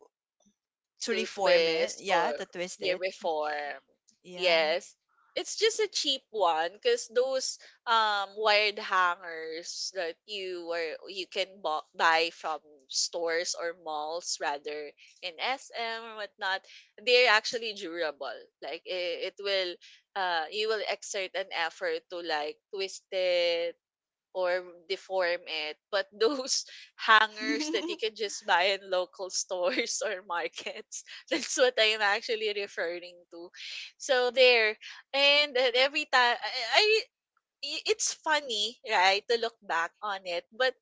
Speaker 3: To
Speaker 1: reform it.
Speaker 3: twist
Speaker 1: Yeah,
Speaker 3: or
Speaker 1: to twist
Speaker 3: hair
Speaker 1: it.
Speaker 3: reform.
Speaker 1: Yeah.
Speaker 3: Yes. It's just a cheap one because those wired hangers that you can buy from stores or malls, rather in SM or whatnot, they're actually durable. Like it will you will exert an effort to like twist it or deform it. But those hangers that you can just buy in local stores or markets, that's what I'm actually referring to. So there, and every time it's funny, right, to look back on it, but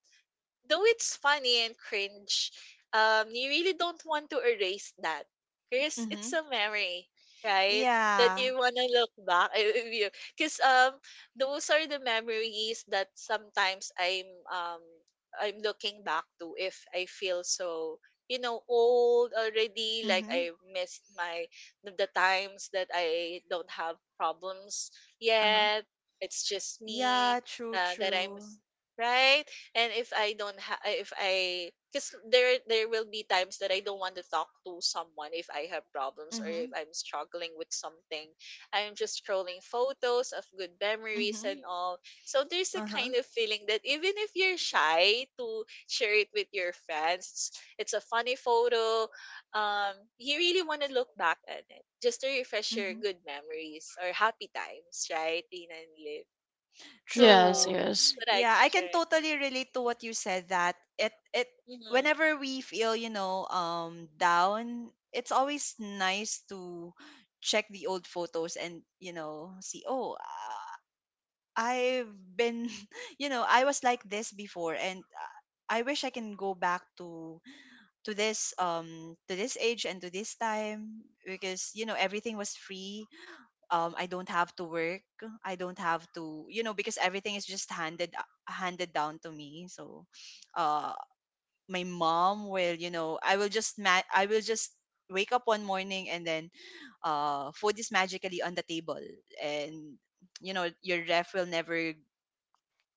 Speaker 3: though it's funny and cringe, you really don't want to erase that because it's
Speaker 1: Mm-hmm.
Speaker 3: a memory, right? That
Speaker 1: Yeah.
Speaker 3: you wanna look back. If you, Because, those are the memories that sometimes I'm looking back to, if I feel so, you know, old already, like
Speaker 1: Mm-hmm.
Speaker 3: I missed my the times that I don't have problems
Speaker 1: Uh-huh.
Speaker 3: yet, it's just me,
Speaker 1: Yeah, true,
Speaker 3: that I'm,
Speaker 1: true.
Speaker 3: right. And if I don't have, if I, because there will be times that I don't want to talk to someone if I have problems or if
Speaker 1: Mm-hmm.
Speaker 3: I'm struggling with something. I'm just scrolling photos of good memories
Speaker 1: Mm-hmm.
Speaker 3: and all. So there's a
Speaker 1: Uh-huh.
Speaker 3: kind of feeling that even if you're shy to share it with your friends, it's a funny photo. You really want to look back at it just to refresh your
Speaker 1: Mm-hmm.
Speaker 3: good memories or happy times, right, Tina and Lynn?
Speaker 2: Yes,
Speaker 3: So
Speaker 1: True.
Speaker 2: yes.
Speaker 3: that's what I
Speaker 1: Yeah,
Speaker 3: can
Speaker 1: I can
Speaker 3: share.
Speaker 1: totally relate to what you said, that it
Speaker 3: Mm-hmm.
Speaker 1: whenever we feel, down, it's always nice to check the old photos and, see, oh, I've been, I was like this before, and I wish I can go back to to this age and to this time, because everything was free, I don't have to work, I don't have to you know because everything is just handed down to me. So uh my mom will you know I will just, wake up one morning, and then food is magically on the table, and your ref will never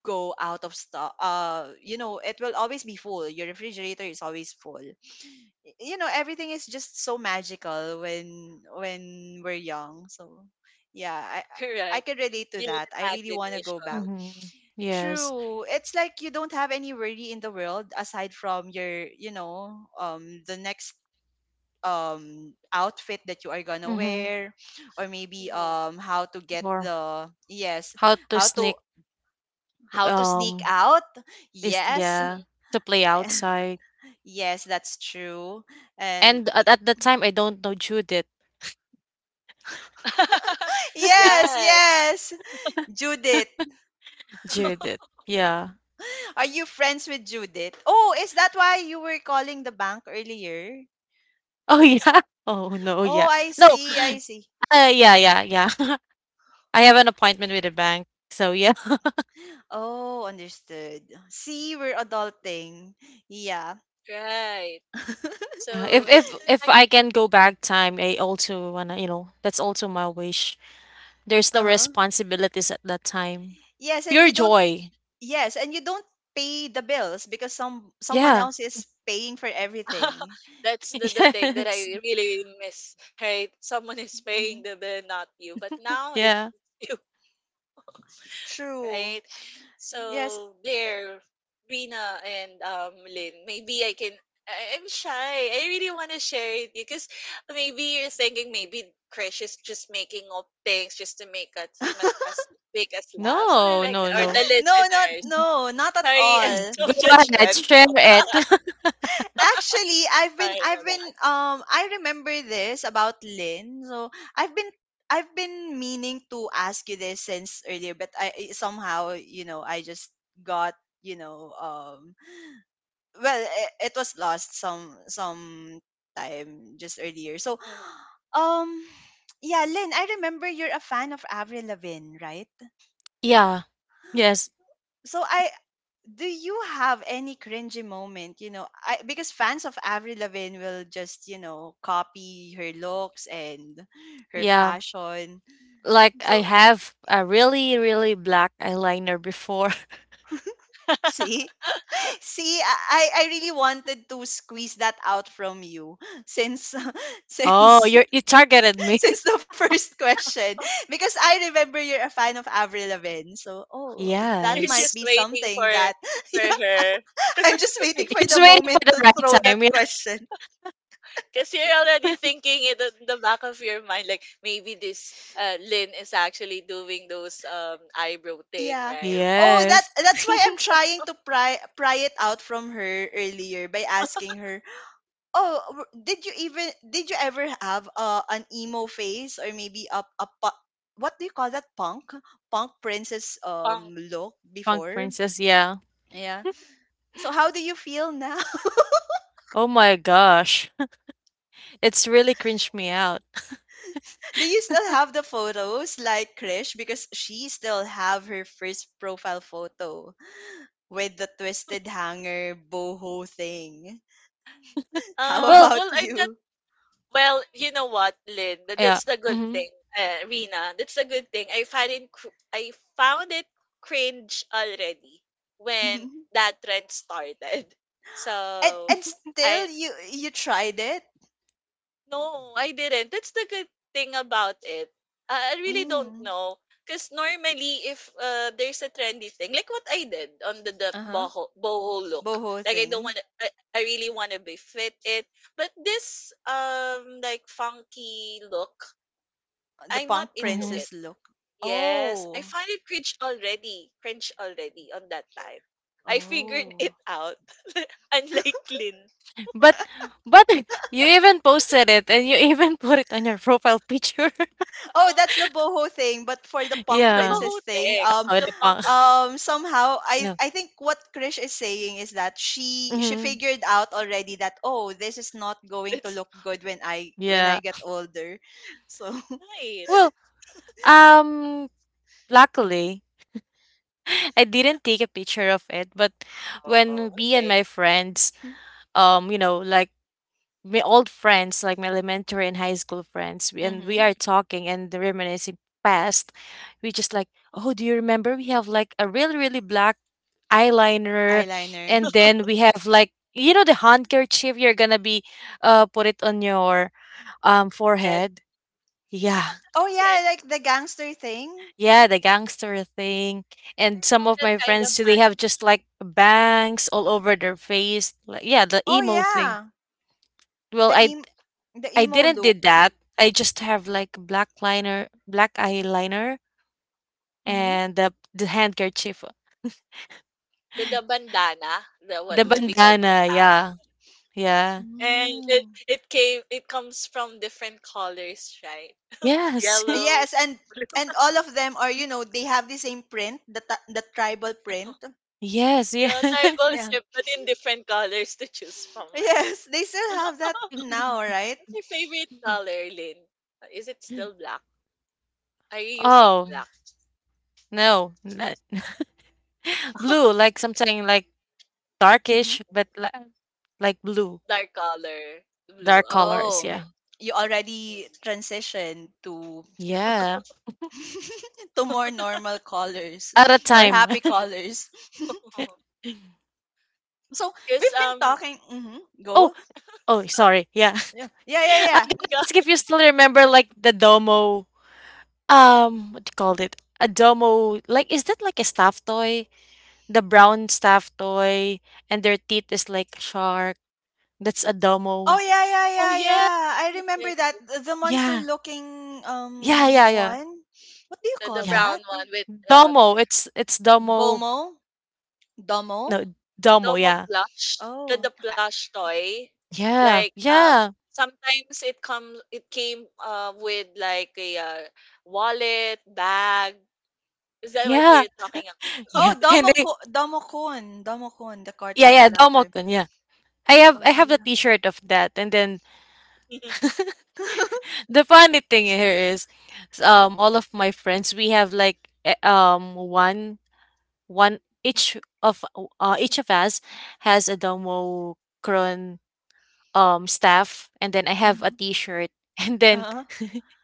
Speaker 1: go out of stock, it will always be full, your refrigerator is always full. Everything is just so magical when we're young. So yeah, I
Speaker 3: Correct.
Speaker 1: can relate to
Speaker 3: Your
Speaker 1: that. I really want to go back.
Speaker 3: imagination.
Speaker 2: Mm-hmm. Yes.
Speaker 1: True, it's like you don't have any worry in the world aside from your, the next outfit that you are gonna
Speaker 2: Mm-hmm.
Speaker 1: wear, or maybe,
Speaker 3: Mhm,
Speaker 1: how to get
Speaker 2: Or
Speaker 1: the yes,
Speaker 2: how to
Speaker 1: how
Speaker 2: sneak,
Speaker 1: to how to sneak
Speaker 2: um
Speaker 1: out?
Speaker 2: is
Speaker 1: Yes.
Speaker 2: yeah,
Speaker 3: mhm.
Speaker 2: to play outside.
Speaker 1: Yes, that's true. And
Speaker 2: And at the time I don't know Judith.
Speaker 1: yes,
Speaker 3: Yes.
Speaker 1: yes. Judith.
Speaker 2: Judith. Yeah.
Speaker 1: Are you friends with Judith? Oh, is that why you were calling the bank earlier?
Speaker 2: Oh, yeah? Oh, no,
Speaker 1: Oh,
Speaker 2: yeah.
Speaker 1: I
Speaker 2: No,
Speaker 1: see. I see.
Speaker 2: yeah, yeah, yeah. I have an appointment with the bank, so yeah.
Speaker 1: Oh, understood. See, we're adulting. Yeah.
Speaker 3: Right.
Speaker 2: Yeah,
Speaker 3: So it's
Speaker 2: if
Speaker 3: like,
Speaker 2: I can go back time, I also wanna, you know, that's also my wish. There's no
Speaker 1: Uh-huh.
Speaker 2: responsibilities at that time.
Speaker 1: Yes, and
Speaker 2: Pure
Speaker 1: you don't
Speaker 2: joy.
Speaker 1: yes, and you don't pay the bills because someone
Speaker 2: Yeah.
Speaker 1: else is paying for everything.
Speaker 3: that's the thing that
Speaker 2: Yes.
Speaker 3: I really miss, right? Someone is paying
Speaker 1: Hmm.
Speaker 3: the bill, not you. But now it's
Speaker 2: Yeah.
Speaker 3: you,
Speaker 1: True.
Speaker 3: right?
Speaker 1: Yes.
Speaker 3: So there, Rina and, Lynn, maybe I can. I'm shy. I really want to share it, because maybe you're thinking, maybe Krish is just making up things just to make us make us laugh, something
Speaker 2: No,
Speaker 3: like
Speaker 2: no,
Speaker 3: that, or the
Speaker 2: no.
Speaker 1: No, not,
Speaker 3: listeners.
Speaker 1: no, not at
Speaker 3: Sorry, I'm
Speaker 1: all.
Speaker 3: so
Speaker 2: Go ahead, share
Speaker 3: judgmental.
Speaker 2: it.
Speaker 1: Actually,
Speaker 3: Sorry about.
Speaker 1: I remember this about Lynn. So I've been I've been meaning to ask you this since earlier, but somehow, I just got, you know, um well, it was lost some time just earlier. So
Speaker 3: Mhm.
Speaker 1: um yeah, Lynn, I remember you're a fan of Avril Lavigne, right?
Speaker 2: Yeah. Yes.
Speaker 1: So I do you have any cringy moment, because fans of Avril Lavigne will just, copy her looks and her
Speaker 2: Yeah.
Speaker 1: fashion.
Speaker 2: Like I
Speaker 1: So
Speaker 2: have a really, really black eyeliner before.
Speaker 1: see, see, I really wanted to squeeze that out from you since
Speaker 2: Oh,
Speaker 1: since
Speaker 2: you're, you targeted me.
Speaker 1: since the first question, because I remember you're a fan of Avril Lavigne, so, oh, that
Speaker 3: You're
Speaker 1: might
Speaker 2: Yes.
Speaker 3: just
Speaker 1: be
Speaker 3: waiting for
Speaker 1: something that yeah,
Speaker 3: for her.
Speaker 1: I'm just
Speaker 2: He
Speaker 1: waiting
Speaker 2: he
Speaker 1: for
Speaker 2: was
Speaker 1: the
Speaker 2: waiting for
Speaker 1: moment
Speaker 2: the
Speaker 1: to
Speaker 2: right
Speaker 1: throw that
Speaker 2: time, yeah.
Speaker 1: question.
Speaker 3: Because you're already thinking it in the back of your mind, like maybe this, Lynn is actually doing those eyebrow thing,
Speaker 1: Yeah.
Speaker 3: right?
Speaker 1: Oh,
Speaker 2: Yes.
Speaker 1: that's why I'm trying to pry it out from her earlier by asking her, "Oh, did you even did you ever have, an emo phase, or maybe a what do you call that, punk princess
Speaker 3: Punk.
Speaker 1: look
Speaker 2: Punk
Speaker 1: before?"
Speaker 2: Princess, yeah.
Speaker 1: Yeah. So how do you feel now?
Speaker 2: Oh my gosh. It's really cringed me out.
Speaker 1: Do you still have the photos, like Krish? Because she still have her first profile photo with the twisted hanger boho thing. How
Speaker 2: Well,
Speaker 1: about
Speaker 3: Well, I'm not.
Speaker 1: you?
Speaker 3: Well, you know what, Lynn?
Speaker 2: yeah.
Speaker 3: That's the good
Speaker 2: Mhm.
Speaker 3: thing, Rina. That's the good thing. I find it. I found it cringe already when that trend started.
Speaker 1: And
Speaker 3: So,
Speaker 1: and still
Speaker 3: I
Speaker 1: you tried it?
Speaker 3: No, I didn't. That's the good thing about it. I really don't
Speaker 1: Mm.
Speaker 3: know. Because normally, if, there's a trendy thing, like what I did on the
Speaker 1: Uh-huh.
Speaker 3: boho look,
Speaker 1: Boho
Speaker 3: like I don't
Speaker 1: thing.
Speaker 3: want to, I really want to be fit it. But this, like funky look,
Speaker 1: The
Speaker 3: I'm
Speaker 1: punk
Speaker 3: not into
Speaker 2: Mhm.
Speaker 1: princess
Speaker 3: it.
Speaker 1: look.
Speaker 3: Yes, I
Speaker 1: Oh.
Speaker 3: find it cringe already on that time. I figured
Speaker 1: Oh.
Speaker 3: it out, unlike Lynn.
Speaker 2: But but you even posted it and you even put it on your profile picture.
Speaker 1: Oh, that's the boho thing, but for the punk
Speaker 3: The
Speaker 2: Yeah.
Speaker 1: princess
Speaker 3: boho
Speaker 1: thing,
Speaker 3: thing,
Speaker 2: Oh,
Speaker 3: the
Speaker 2: the punk.
Speaker 3: monkey pins,
Speaker 1: somehow I
Speaker 2: No.
Speaker 1: I think what Krish is saying is that she
Speaker 2: Mhm.
Speaker 1: figured out already that, oh, this is not going to
Speaker 3: that's
Speaker 1: look good when I
Speaker 2: Yeah.
Speaker 1: get older. So,
Speaker 3: right.
Speaker 2: Well, um luckily I didn't take a picture of it, but
Speaker 3: Oh,
Speaker 2: when me and
Speaker 3: okay.
Speaker 2: my friends, you know, like my old friends, like my elementary and high school friends, we- and we
Speaker 1: mhm.
Speaker 2: are talking and reminiscing past. We just like, oh, do you remember we have like a really, really black eyeliner,
Speaker 1: Eyeliner.
Speaker 2: and then we have like you know the handkerchief, you're gonna be put it on your
Speaker 3: And
Speaker 2: forehead. Yeah.
Speaker 1: Oh
Speaker 3: yeah,
Speaker 1: yeah, like the gangster thing.
Speaker 2: Yeah, the gangster thing.
Speaker 3: what do
Speaker 2: And
Speaker 3: you
Speaker 2: some
Speaker 3: call
Speaker 2: of
Speaker 3: that
Speaker 2: my
Speaker 3: kind of
Speaker 2: friends too, they
Speaker 3: part?
Speaker 2: have just like bangs all over their face. Like yeah, the
Speaker 1: Oh
Speaker 2: emo thing.
Speaker 1: yeah.
Speaker 2: Well,
Speaker 1: The
Speaker 2: I
Speaker 1: em the emo
Speaker 2: didn't
Speaker 1: look.
Speaker 2: did that. I just have like black liner, black eyeliner,
Speaker 1: Mhm.
Speaker 2: and the handkerchief,
Speaker 3: The bandana, the what
Speaker 2: the
Speaker 3: what
Speaker 1: Mhm.
Speaker 3: we call
Speaker 2: bandana.
Speaker 3: bandana.
Speaker 2: Yeah, yeah,
Speaker 3: And it
Speaker 1: Mm.
Speaker 3: it came it comes from different colors, right?
Speaker 2: yes,
Speaker 1: Yes,
Speaker 3: Yellow,
Speaker 1: and all of them are, they have the same print, the tribal print.
Speaker 2: yes,
Speaker 3: yeah,
Speaker 2: yes.
Speaker 3: tribal
Speaker 1: Yeah.
Speaker 3: chip, but in different colors to choose from, right?
Speaker 1: Yes, they still have that now, right?
Speaker 3: What's your favorite color, Lynn? Is it still black? Are you using
Speaker 2: Oh
Speaker 3: black?
Speaker 2: no, not, blue. Like something like
Speaker 1: Mhm.
Speaker 2: darkish, but like blue,
Speaker 3: Dark color, blue.
Speaker 2: dark
Speaker 3: Oh,
Speaker 2: colors.
Speaker 1: Oh,
Speaker 2: Yeah,
Speaker 3: okay.
Speaker 1: you already
Speaker 3: Mm,
Speaker 1: transitioned to
Speaker 2: yeah.
Speaker 1: to more normal colors
Speaker 2: At a
Speaker 1: or
Speaker 2: time.
Speaker 1: happy colors.
Speaker 3: yeah.
Speaker 1: So
Speaker 3: Cause
Speaker 1: we've been talking. Mhm,
Speaker 2: Oh,
Speaker 1: Go.
Speaker 2: oh, sorry. Yeah.
Speaker 1: Yeah. Yeah,
Speaker 2: I'm
Speaker 1: yeah.
Speaker 2: gonna
Speaker 3: got
Speaker 2: ask
Speaker 3: it.
Speaker 2: if you still remember like the Domo. What do you call it? A domo, like, is that like a stuffed toy? The brown stuffed toy, and their teeth is like a shark. That's a
Speaker 1: Oh
Speaker 2: domo.
Speaker 1: yeah, yeah,
Speaker 3: Oh
Speaker 1: yeah,
Speaker 3: yeah,
Speaker 1: yeah. I
Speaker 3: yes,
Speaker 1: remember
Speaker 3: yes, yes.
Speaker 1: that, the monster
Speaker 2: Yeah.
Speaker 1: looking
Speaker 2: Yeah, yeah, yeah.
Speaker 1: one. What do you
Speaker 3: The
Speaker 1: call
Speaker 2: Yeah.
Speaker 1: that?
Speaker 3: brown one with uh
Speaker 2: Domo. It's domo.
Speaker 1: Bomo? Domo?
Speaker 2: No, domo,
Speaker 3: Domo
Speaker 2: yeah.
Speaker 3: plush, the
Speaker 1: Oh.
Speaker 3: the plush toy.
Speaker 2: Yeah.
Speaker 3: Like
Speaker 2: Yeah.
Speaker 3: sometimes it came with like a wallet, bag. Is that what
Speaker 2: Yeah.
Speaker 3: you're talking about?
Speaker 1: Oh,
Speaker 2: Yeah. And
Speaker 1: Domo
Speaker 2: they
Speaker 1: Domo Kun, Domo Kun, the
Speaker 2: yeah,
Speaker 1: cartoon
Speaker 2: yeah,
Speaker 1: character.
Speaker 2: domo-kun, yeah. I
Speaker 1: Oh
Speaker 2: have a
Speaker 1: yeah.
Speaker 2: t-shirt of that, and then the funny thing here is all of my friends we have like one one each of us has a Domocron staff, and then I have a
Speaker 1: Mhm.
Speaker 2: T-shirt, and then
Speaker 1: Uh-huh.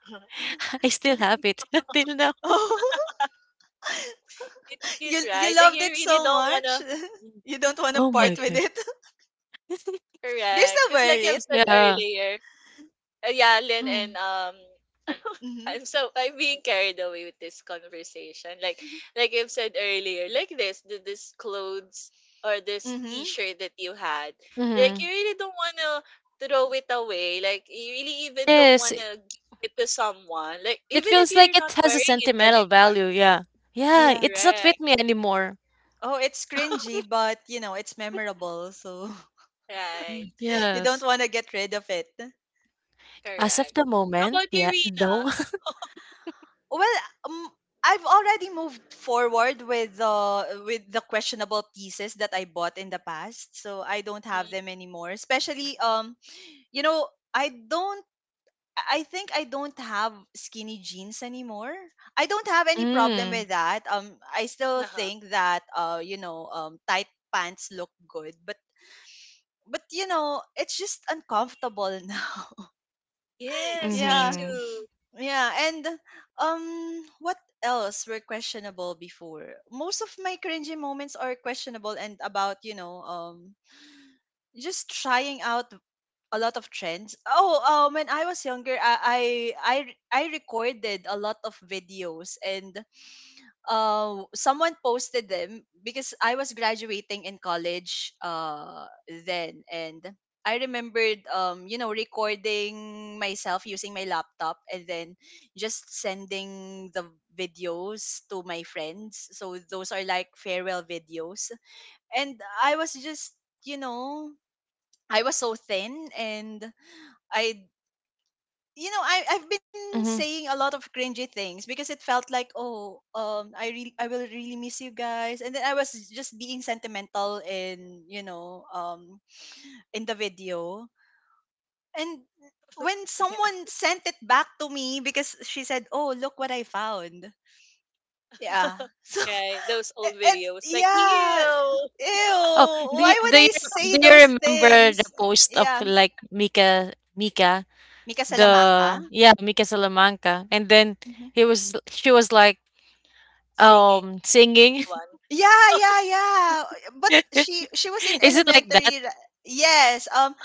Speaker 2: I still have it till now.
Speaker 1: Oh.
Speaker 3: It's
Speaker 1: You
Speaker 3: cute,
Speaker 1: you
Speaker 3: right? Like
Speaker 1: loved
Speaker 3: you
Speaker 1: it so
Speaker 3: really don't
Speaker 1: much.
Speaker 3: wanna
Speaker 1: You don't want to
Speaker 2: Oh my
Speaker 1: part
Speaker 3: like
Speaker 1: with
Speaker 2: gosh!
Speaker 1: it. Do you
Speaker 3: Correct.
Speaker 1: still
Speaker 3: Cause like I
Speaker 1: wear
Speaker 3: have
Speaker 1: it?
Speaker 3: said
Speaker 2: Yeah.
Speaker 3: earlier, yeah, Lynn and
Speaker 1: Mhm.
Speaker 3: I'm being carried away with this conversation. Like I have said earlier, like this clothes or this
Speaker 1: Mhm.
Speaker 3: t-shirt that you had. Like
Speaker 2: Mm-hmm.
Speaker 3: you really don't wanna throw it away. Like you really even don't
Speaker 2: Yes,
Speaker 3: wanna give it to someone. Like
Speaker 2: it
Speaker 3: even if
Speaker 2: feels
Speaker 3: you're
Speaker 2: like
Speaker 3: not
Speaker 2: it has a
Speaker 3: wearing it
Speaker 2: sentimental
Speaker 3: anymore.
Speaker 2: value. Yeah. Yeah,
Speaker 1: Yeah.
Speaker 2: it's not with
Speaker 3: Correct.
Speaker 2: me anymore.
Speaker 1: Oh, it's cringy, but, it's memorable, so
Speaker 3: Right.
Speaker 2: Mm,
Speaker 1: you don't
Speaker 2: yes.
Speaker 1: want to get rid of it.
Speaker 2: As of
Speaker 3: Correct.
Speaker 2: the
Speaker 3: How
Speaker 2: moment,
Speaker 3: about you,
Speaker 2: yeah, no.
Speaker 3: Rina?
Speaker 1: Well, um, I've already moved forward with the questionable pieces that I bought in the past, so I don't have
Speaker 3: Mm,
Speaker 1: them anymore. Especially, you know, I don't. I think I don't have skinny jeans anymore. I don't have any problem
Speaker 2: Mm,
Speaker 1: with that. I still
Speaker 3: uh-huh.
Speaker 1: think that, tight pants look good, but but it's just uncomfortable now.
Speaker 3: Yes, me
Speaker 1: Yeah.
Speaker 2: mm-hmm.
Speaker 3: too.
Speaker 1: Yeah, and, what else were questionable before? Most of my cringy moments are questionable and about, just trying out a lot of trends. Oh, when I was younger, I recorded a lot of videos. And someone posted them because I was graduating in college, then. And I remembered, recording myself using my laptop and then just sending the videos to my friends. So those are like farewell videos. And I was just, you know, I was so thin. And I you know, I I've been
Speaker 2: Mm-hmm.
Speaker 1: saying a lot of cringy things because it felt like, oh, I will really miss you guys. And then I was just being sentimental in the video. And when someone sent it back to me, because she said, oh, look what I found. Yeah. So it,
Speaker 3: Right, those old
Speaker 1: it
Speaker 3: videos, like,
Speaker 1: yeah,
Speaker 3: ew,
Speaker 1: ew,
Speaker 2: Oh, do you,
Speaker 1: why
Speaker 2: do
Speaker 1: would
Speaker 2: you
Speaker 1: I say
Speaker 2: do you
Speaker 1: those
Speaker 2: remember the
Speaker 1: things?
Speaker 2: post of
Speaker 1: Yeah,
Speaker 2: like Mika, Mika,
Speaker 1: Mika Salamanca.
Speaker 2: the yeah Mika Salamanca, and then
Speaker 1: Mm-hmm.
Speaker 2: he was, she was like
Speaker 3: singing
Speaker 2: singing.
Speaker 3: one.
Speaker 1: Yeah, yeah, yeah. But she was in
Speaker 2: Is it like that
Speaker 1: elementary. Yes.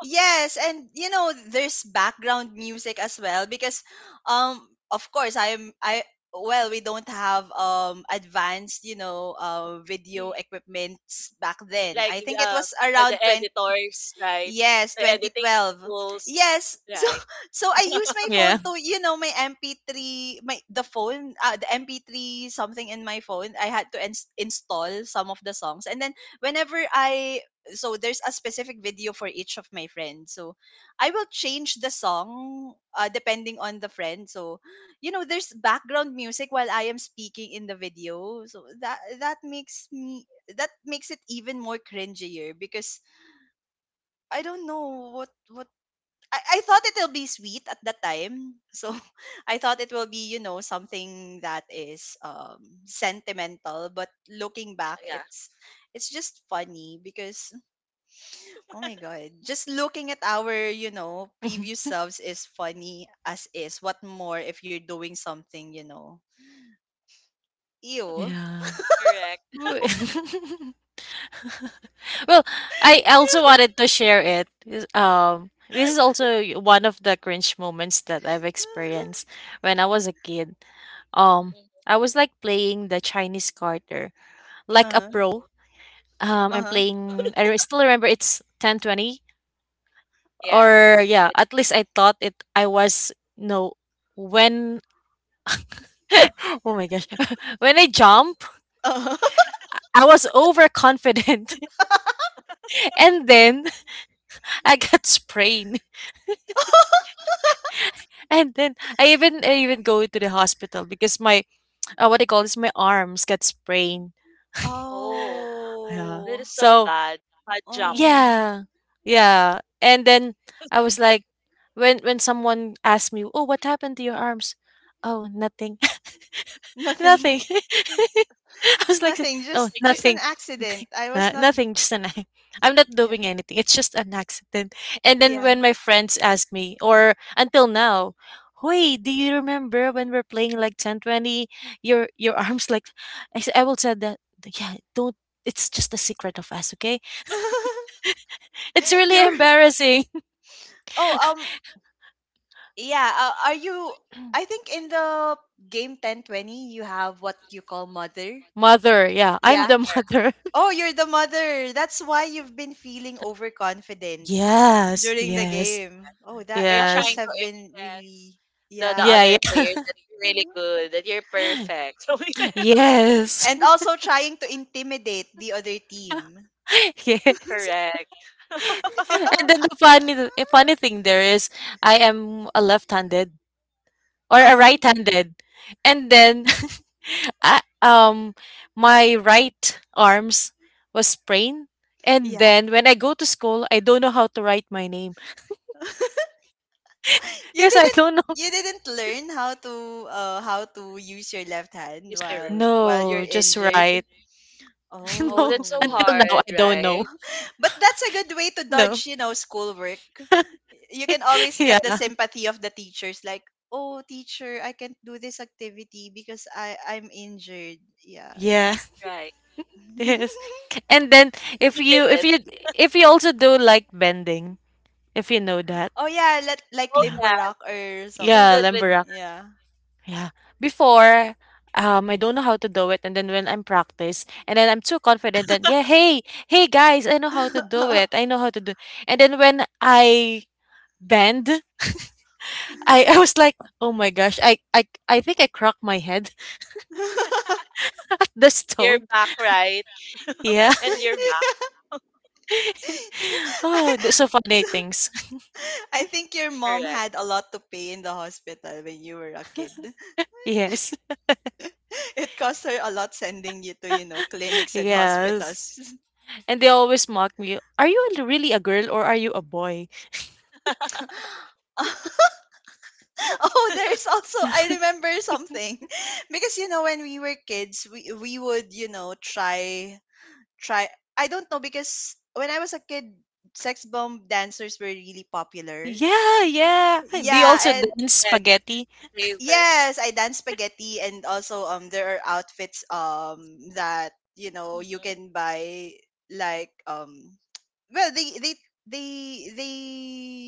Speaker 1: Yes, and you know there's background music as well, because um of course I am I well, we don't have advanced, video
Speaker 3: Mm.
Speaker 1: equipments back then.
Speaker 3: Like,
Speaker 1: I think it was
Speaker 3: the,
Speaker 1: around.
Speaker 3: the editors, right?
Speaker 1: Yes,
Speaker 3: The editing
Speaker 1: 2012.
Speaker 3: tools,
Speaker 1: Yes. So
Speaker 3: right?
Speaker 1: so I use my phone
Speaker 2: yeah.
Speaker 1: to, my MP3, my the phone, the MP3 something in my phone. I had to install some of the songs. And then, whenever I so there's a specific video for each of my friends. So I will change the song, depending on the friend. So, there's background music while I am speaking in the video. So that, that makes me that makes it even more cringier because I don't know, what I thought it'll be sweet at that time. So I thought it will be, something that is sentimental, but looking back,
Speaker 3: Yeah,
Speaker 1: it's just funny. Because, oh my god, just looking at our, previous selves is funny as is. What more if you're doing something. Ew.
Speaker 2: Yeah.
Speaker 3: correct.
Speaker 2: Wo- well, I also wanted to share it. Is- this is also one of the cringe moments that I've experienced when I was a kid. Um,
Speaker 3: Mhm,
Speaker 2: I was like playing the Chinese Carter like a
Speaker 1: Uh-huh.
Speaker 2: pro.
Speaker 3: mhm.
Speaker 2: I'm
Speaker 1: Uh-huh.
Speaker 2: playing. Still remember it's 10-20
Speaker 3: Yeah.
Speaker 2: or yeah.
Speaker 3: It-
Speaker 2: At least I thought it. I was no when. Oh my gosh, when I jump,
Speaker 1: Uh-huh.
Speaker 2: I was overconfident, and then I got sprained. And then I even, I even go to the hospital because my what I call this, my arms got sprained.
Speaker 3: oh,
Speaker 2: Yeah.
Speaker 3: that
Speaker 1: Oh.
Speaker 3: is so
Speaker 2: So
Speaker 3: bad. Bad jump.
Speaker 1: Oh.
Speaker 2: yeah, yeah. And then I was like, when someone asked me, "Oh, what happened to your arms?" Oh, nothing.
Speaker 1: Nothing.
Speaker 2: Nothing. I was like,
Speaker 1: Nothing,
Speaker 2: "Oh,
Speaker 3: Like,
Speaker 1: just
Speaker 3: it's
Speaker 1: an
Speaker 2: nothing.
Speaker 1: accident. I was
Speaker 2: No-
Speaker 1: not.
Speaker 2: Nothing, just an I'm not
Speaker 1: Yeah.
Speaker 2: doing anything. It's just an accident." And then
Speaker 1: Yeah.
Speaker 2: when my friends ask me or until now, "Wait, do you remember when we're playing like 10-20? Your arms like I will say that yeah, don't, it's just a secret of us, okay?" It's really
Speaker 1: You're.
Speaker 2: embarrassing.
Speaker 1: Oh, yeah, are you I think in the game 1020 you have what you call mother.
Speaker 2: Mother, yeah, I'm
Speaker 3: not
Speaker 1: Yeah.
Speaker 2: the
Speaker 3: there.
Speaker 2: mother.
Speaker 1: Oh, you're the mother. That's why you've been feeling overconfident
Speaker 2: Yes,
Speaker 1: during the
Speaker 2: yes,
Speaker 1: game. Oh, that
Speaker 3: You're
Speaker 1: that must
Speaker 3: trying
Speaker 2: yes.
Speaker 3: to
Speaker 1: have been
Speaker 3: impress
Speaker 1: really.
Speaker 3: the
Speaker 1: Yeah.
Speaker 2: Yeah,
Speaker 3: other
Speaker 2: yeah.
Speaker 3: player that you're really
Speaker 1: Uh-huh.
Speaker 3: good, that you're perfect. Something like that.
Speaker 2: Yes.
Speaker 1: And also trying to intimidate the other team.
Speaker 2: Yes.
Speaker 3: Correct.
Speaker 1: Yeah.
Speaker 2: And then the funny funny thing there is I am a left-handed or a
Speaker 1: Uh-huh.
Speaker 2: right-handed. And then I, my right arms was sprained. And
Speaker 1: Yeah.
Speaker 2: then when I go to school, I don't know how to write my name
Speaker 1: You
Speaker 2: because I
Speaker 1: didn't
Speaker 2: don't know.
Speaker 1: you didn't learn how to, how to use your left hand
Speaker 3: You ser-
Speaker 1: while
Speaker 2: No,
Speaker 1: you're
Speaker 2: just right.
Speaker 1: injured.
Speaker 3: Oh,
Speaker 2: No,
Speaker 3: that's so
Speaker 2: until
Speaker 1: Oh.
Speaker 2: now
Speaker 3: hard,
Speaker 2: I don't
Speaker 3: right?
Speaker 2: know.
Speaker 1: But that's a good way to
Speaker 2: No.
Speaker 1: dodge, schoolwork. You can always get the
Speaker 2: Yeah.
Speaker 1: sympathy of the teachers, like, "Oh, teacher, I can't do this activity because I'm injured." Yeah.
Speaker 2: Yeah.
Speaker 3: Right.
Speaker 2: Yes. And then
Speaker 3: You did
Speaker 2: if
Speaker 3: it.
Speaker 2: you also do like bending, if you know that.
Speaker 1: Oh yeah, let, like,
Speaker 3: Oh
Speaker 2: Yeah.
Speaker 1: limbo
Speaker 3: yeah,
Speaker 1: rock or
Speaker 3: I'm
Speaker 2: Yeah,
Speaker 3: good with
Speaker 1: something.
Speaker 2: lemburak.
Speaker 1: Yeah.
Speaker 2: Yeah. Before, I don't know how to do it, and then when I'm practice, and then I'm too confident that yeah, hey, hey guys, I know how to do it. I know how to do. And then when I bend, I, I was like, oh my gosh, I think I cracked my head the
Speaker 3: you're
Speaker 2: stone.
Speaker 3: back, right?
Speaker 2: Yeah.
Speaker 3: And you're back,
Speaker 1: I,
Speaker 2: Oh, so funny
Speaker 1: so,
Speaker 2: things.
Speaker 1: I think your mom
Speaker 3: correct.
Speaker 1: had a lot to pay in the hospital when you were a kid.
Speaker 2: Yes.
Speaker 1: It cost her a lot sending you to, clinics and
Speaker 2: Yes.
Speaker 1: hospitals.
Speaker 2: And they always mock me. Are you really a girl or are you a boy?
Speaker 1: Oh, there's also I remember something. Because, when we were kids, we would, try try I don't know, because when I was a kid, sex bomb dancers were really popular.
Speaker 2: Yeah, yeah. They
Speaker 1: Yeah,
Speaker 2: also
Speaker 1: and.
Speaker 2: dance
Speaker 3: Yes,
Speaker 2: spaghetti.
Speaker 3: they were.
Speaker 1: Yes, I dance spaghetti, and also there are outfits that, you
Speaker 3: Mhm.
Speaker 1: can buy, like, well, they they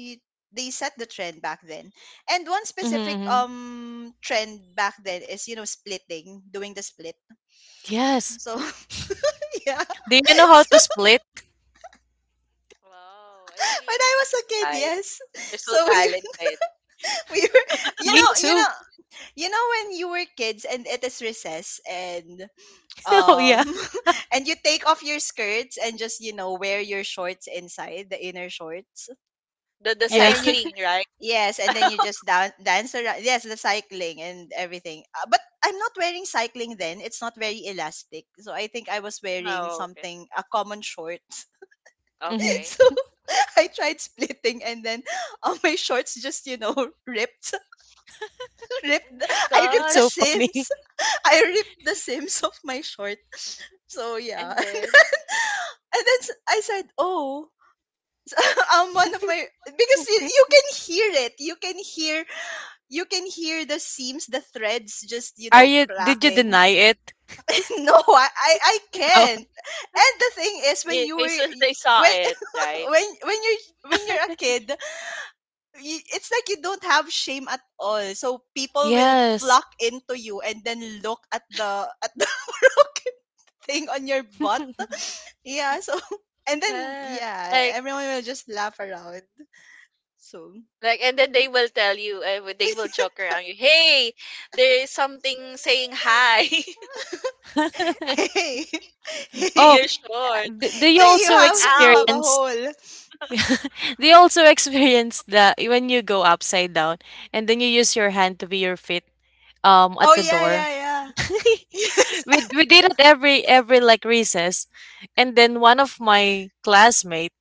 Speaker 1: they set the trend back then. And one
Speaker 2: Mm-hmm,
Speaker 1: specific
Speaker 2: mm-hmm.
Speaker 1: trend back then is, splitting, doing the split.
Speaker 2: Yes.
Speaker 1: So yeah.
Speaker 2: Do you know how
Speaker 1: So
Speaker 2: to split?
Speaker 3: Wow, I really
Speaker 1: when I
Speaker 3: amazed
Speaker 1: was a
Speaker 3: you
Speaker 1: kid,
Speaker 3: guys.
Speaker 1: yes.
Speaker 3: You're so
Speaker 1: So we
Speaker 3: talented.
Speaker 1: we were, you
Speaker 2: Me
Speaker 1: know, you
Speaker 2: too.
Speaker 1: know, you know, when you were kids and it is recess, and
Speaker 2: Oh
Speaker 1: um
Speaker 2: yeah.
Speaker 1: and you take off your skirts and just, wear your shorts inside, the inner shorts.
Speaker 3: The
Speaker 1: And
Speaker 2: Yeah.
Speaker 1: then, you
Speaker 3: cycling, right?
Speaker 1: yes, and then you just dance around. Yes, the cycling and everything, but I'm not wearing cycling then. It's not very elastic, so I think I was wearing
Speaker 3: No, okay.
Speaker 1: something, a common short.
Speaker 2: Mhm.
Speaker 3: Okay.
Speaker 1: So I tried splitting, and then all my shorts just, ripped.
Speaker 3: Oh
Speaker 1: ripped the-
Speaker 3: my
Speaker 1: I
Speaker 2: That's
Speaker 1: ripped the
Speaker 2: so
Speaker 3: gosh.
Speaker 2: funny.
Speaker 1: seams. I ripped the seams of my short. So yeah.
Speaker 3: And then
Speaker 1: And then I said, "Oh, I'm one of my, because you can hear it. You can hear the seams, the threads just,
Speaker 2: Are you, did you
Speaker 1: cracking."
Speaker 2: deny it?
Speaker 1: No, I
Speaker 2: Oh,
Speaker 1: can't. And the thing is when
Speaker 3: they,
Speaker 1: you
Speaker 3: they,
Speaker 1: were
Speaker 3: s- they saw
Speaker 1: when
Speaker 3: it, right?
Speaker 1: when you are when you're a kid, it's like you don't have shame at all. So people will
Speaker 2: yes.
Speaker 1: flock into you and then look at the broken thing on your butt. Yeah. So and then,
Speaker 3: Yeah.
Speaker 1: yeah,
Speaker 3: Like
Speaker 1: everyone will just laugh around. So
Speaker 3: like and then
Speaker 1: yeah.
Speaker 3: they will tell you they will joke around you, "Hey, there is something saying hi."
Speaker 1: Hey, hey,
Speaker 2: Oh,
Speaker 1: hey!
Speaker 3: You're short,
Speaker 2: do you
Speaker 3: like
Speaker 1: You
Speaker 2: also
Speaker 3: sticking
Speaker 1: have you
Speaker 3: out.
Speaker 1: have a
Speaker 2: experience
Speaker 1: hole.
Speaker 2: do you also experience that when you go upside down and then you use your hand to be your feet at
Speaker 1: Oh
Speaker 2: the
Speaker 1: yeah,
Speaker 2: door?
Speaker 1: yeah, yeah. Yes.
Speaker 2: we we did it every like recess, and then one of my classmates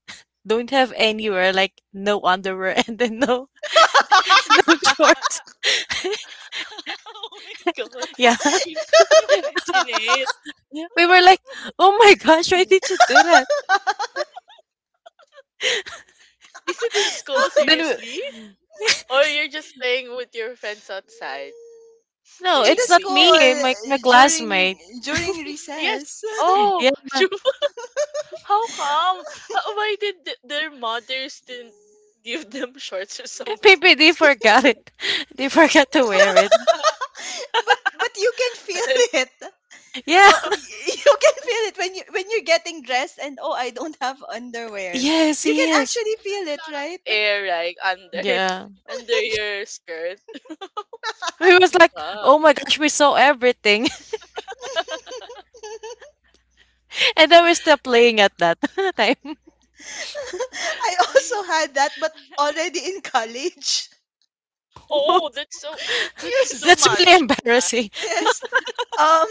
Speaker 2: don't have anywhere like no underwear and then no no shorts.
Speaker 3: Oh my god,
Speaker 2: Yeah.
Speaker 3: I can imagine it.
Speaker 2: We were like, "Oh my gosh, why did you do that?"
Speaker 3: Is it in school,
Speaker 2: Then we,
Speaker 3: seriously? Or you're just playing with your friends outside
Speaker 2: no,
Speaker 1: In the
Speaker 2: it's
Speaker 3: during
Speaker 2: not me,
Speaker 3: weekend?
Speaker 2: eh,
Speaker 1: school,
Speaker 2: my
Speaker 1: during
Speaker 2: classmate.
Speaker 1: during
Speaker 3: Yes.
Speaker 1: recess.
Speaker 3: Oh,
Speaker 2: Yeah.
Speaker 3: Ju- how come? Why did their mothers didn't give them shorts or
Speaker 1: But
Speaker 2: Maybe
Speaker 3: something?
Speaker 2: they forgot it. They forgot to wear it.
Speaker 1: you can feel
Speaker 3: There's
Speaker 1: it.
Speaker 2: Yeah.
Speaker 1: Oh, you can feel it when you when you're getting dressed and, oh, I don't have underwear.
Speaker 2: Yes,
Speaker 1: You can
Speaker 2: yes.
Speaker 1: actually feel
Speaker 3: a
Speaker 1: it,
Speaker 3: lot of
Speaker 1: right?
Speaker 3: air like under
Speaker 2: Yeah.
Speaker 3: under your skirt.
Speaker 2: We was like,
Speaker 3: Yeah.
Speaker 2: "Oh my gosh, we saw everything." And then we stopped
Speaker 3: Like,
Speaker 2: playing at that time.
Speaker 1: I
Speaker 3: I,
Speaker 1: also
Speaker 3: I
Speaker 1: had that, but already in college.
Speaker 3: Oh, that's
Speaker 1: Yes,
Speaker 3: too
Speaker 2: That's really
Speaker 3: much.
Speaker 2: embarrassing.
Speaker 1: yes. Um,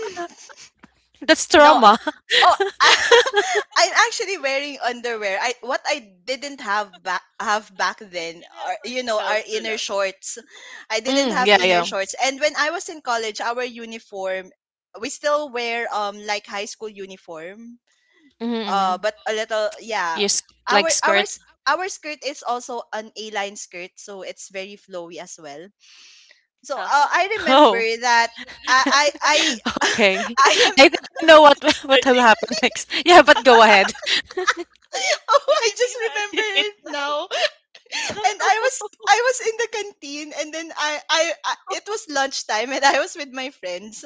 Speaker 2: That's
Speaker 1: no,
Speaker 2: trauma.
Speaker 1: oh, I'm actually wearing underwear. I what I didn't have back
Speaker 3: I
Speaker 1: then
Speaker 3: can help
Speaker 1: are, our
Speaker 3: myself to
Speaker 1: inner
Speaker 3: laugh.
Speaker 1: shorts. I didn't
Speaker 2: Mm,
Speaker 1: have
Speaker 2: yeah,
Speaker 1: inner
Speaker 2: yeah.
Speaker 1: shorts. And when I was in college, our uniform, we still wear, like, high school uniform.
Speaker 2: Mm-hmm.
Speaker 1: But a little, yeah.
Speaker 2: Yes,
Speaker 1: Our
Speaker 2: like.
Speaker 1: our s- our skirt is also an A-line skirt, so it's very flowy as well. So,
Speaker 3: Uh-huh.
Speaker 1: I remember
Speaker 2: Oh,
Speaker 1: that I
Speaker 2: okay.
Speaker 1: I am
Speaker 2: I think I know what
Speaker 3: I
Speaker 2: what will
Speaker 3: think
Speaker 2: happen next. Yeah, but go ahead.
Speaker 3: I
Speaker 1: oh,
Speaker 3: I
Speaker 1: I
Speaker 3: can
Speaker 1: just remember
Speaker 3: imagine it
Speaker 1: it
Speaker 3: now.
Speaker 1: now. And I was in the canteen. And then I it was lunchtime and I was with my friends.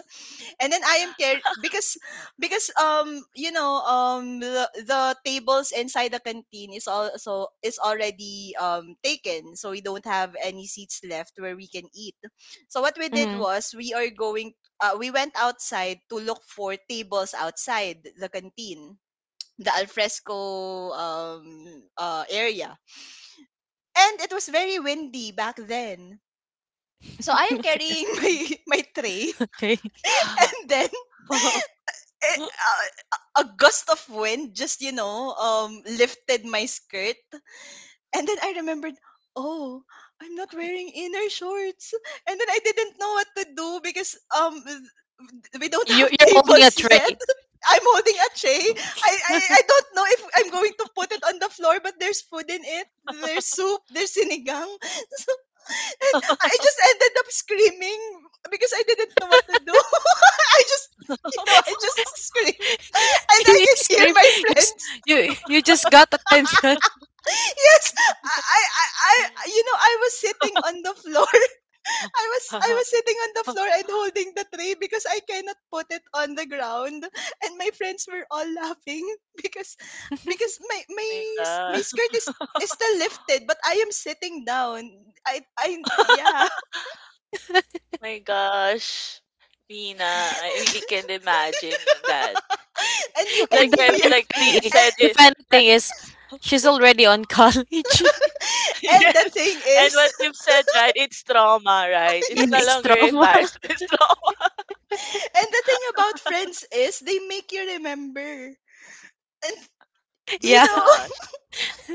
Speaker 1: And then I am care, because the, tables inside the canteen is, also is already, taken. So we don't have any seats left where we can eat. So what we did
Speaker 2: Hmm.
Speaker 1: was, we are going we went outside to look for tables outside the canteen, the alfresco, area. And it was very windy back then. So I am
Speaker 2: Okay,
Speaker 1: carrying my tray
Speaker 2: okay.
Speaker 1: and then eh, a gust of wind just, lifted my skirt. And then I remembered, oh, I'm not wearing inner shorts. And then I didn't know what to do because, we don't
Speaker 2: You
Speaker 1: have
Speaker 2: you're holding a
Speaker 1: tables
Speaker 2: tray.
Speaker 1: yet. I'm holding a tray. I don't know if I'm going to put it on the floor, but there's food in it. There's soup. There's sinigang. So, and I just ended up screaming because I didn't know what to do. I just I just screamed, and I
Speaker 2: You
Speaker 1: can hear
Speaker 2: scream.
Speaker 1: my
Speaker 2: You s-
Speaker 1: friends
Speaker 2: you, you just got attention.
Speaker 1: yes, I was sitting on the floor. I was sitting on the floor and holding the tray because I cannot put it on the ground, and my friends were all laughing because because my
Speaker 3: Oh
Speaker 1: my
Speaker 3: my
Speaker 1: s- my
Speaker 3: god.
Speaker 1: skirt is still lifted, but I am sitting down. I yeah
Speaker 3: My gosh. Mina, I really can't imagine that.
Speaker 1: And you can
Speaker 2: And
Speaker 3: Like
Speaker 2: the
Speaker 1: hear
Speaker 3: I
Speaker 1: your—
Speaker 2: funny
Speaker 3: like
Speaker 2: thing,
Speaker 3: Lynn
Speaker 1: and,
Speaker 3: said
Speaker 2: the
Speaker 3: it
Speaker 2: funny
Speaker 3: that-
Speaker 2: thing is, she's already on college.
Speaker 1: and the
Speaker 3: yes.
Speaker 1: thing
Speaker 3: And
Speaker 1: is,
Speaker 3: what you've said, right? It's trauma, right? It's
Speaker 2: In
Speaker 3: no
Speaker 2: its
Speaker 1: yes.
Speaker 3: longer
Speaker 2: trauma.
Speaker 3: embarrassment, it's trauma.
Speaker 1: And the thing about friends is they make you remember, and, you
Speaker 3: My
Speaker 2: Yeah,
Speaker 1: know,
Speaker 3: gosh.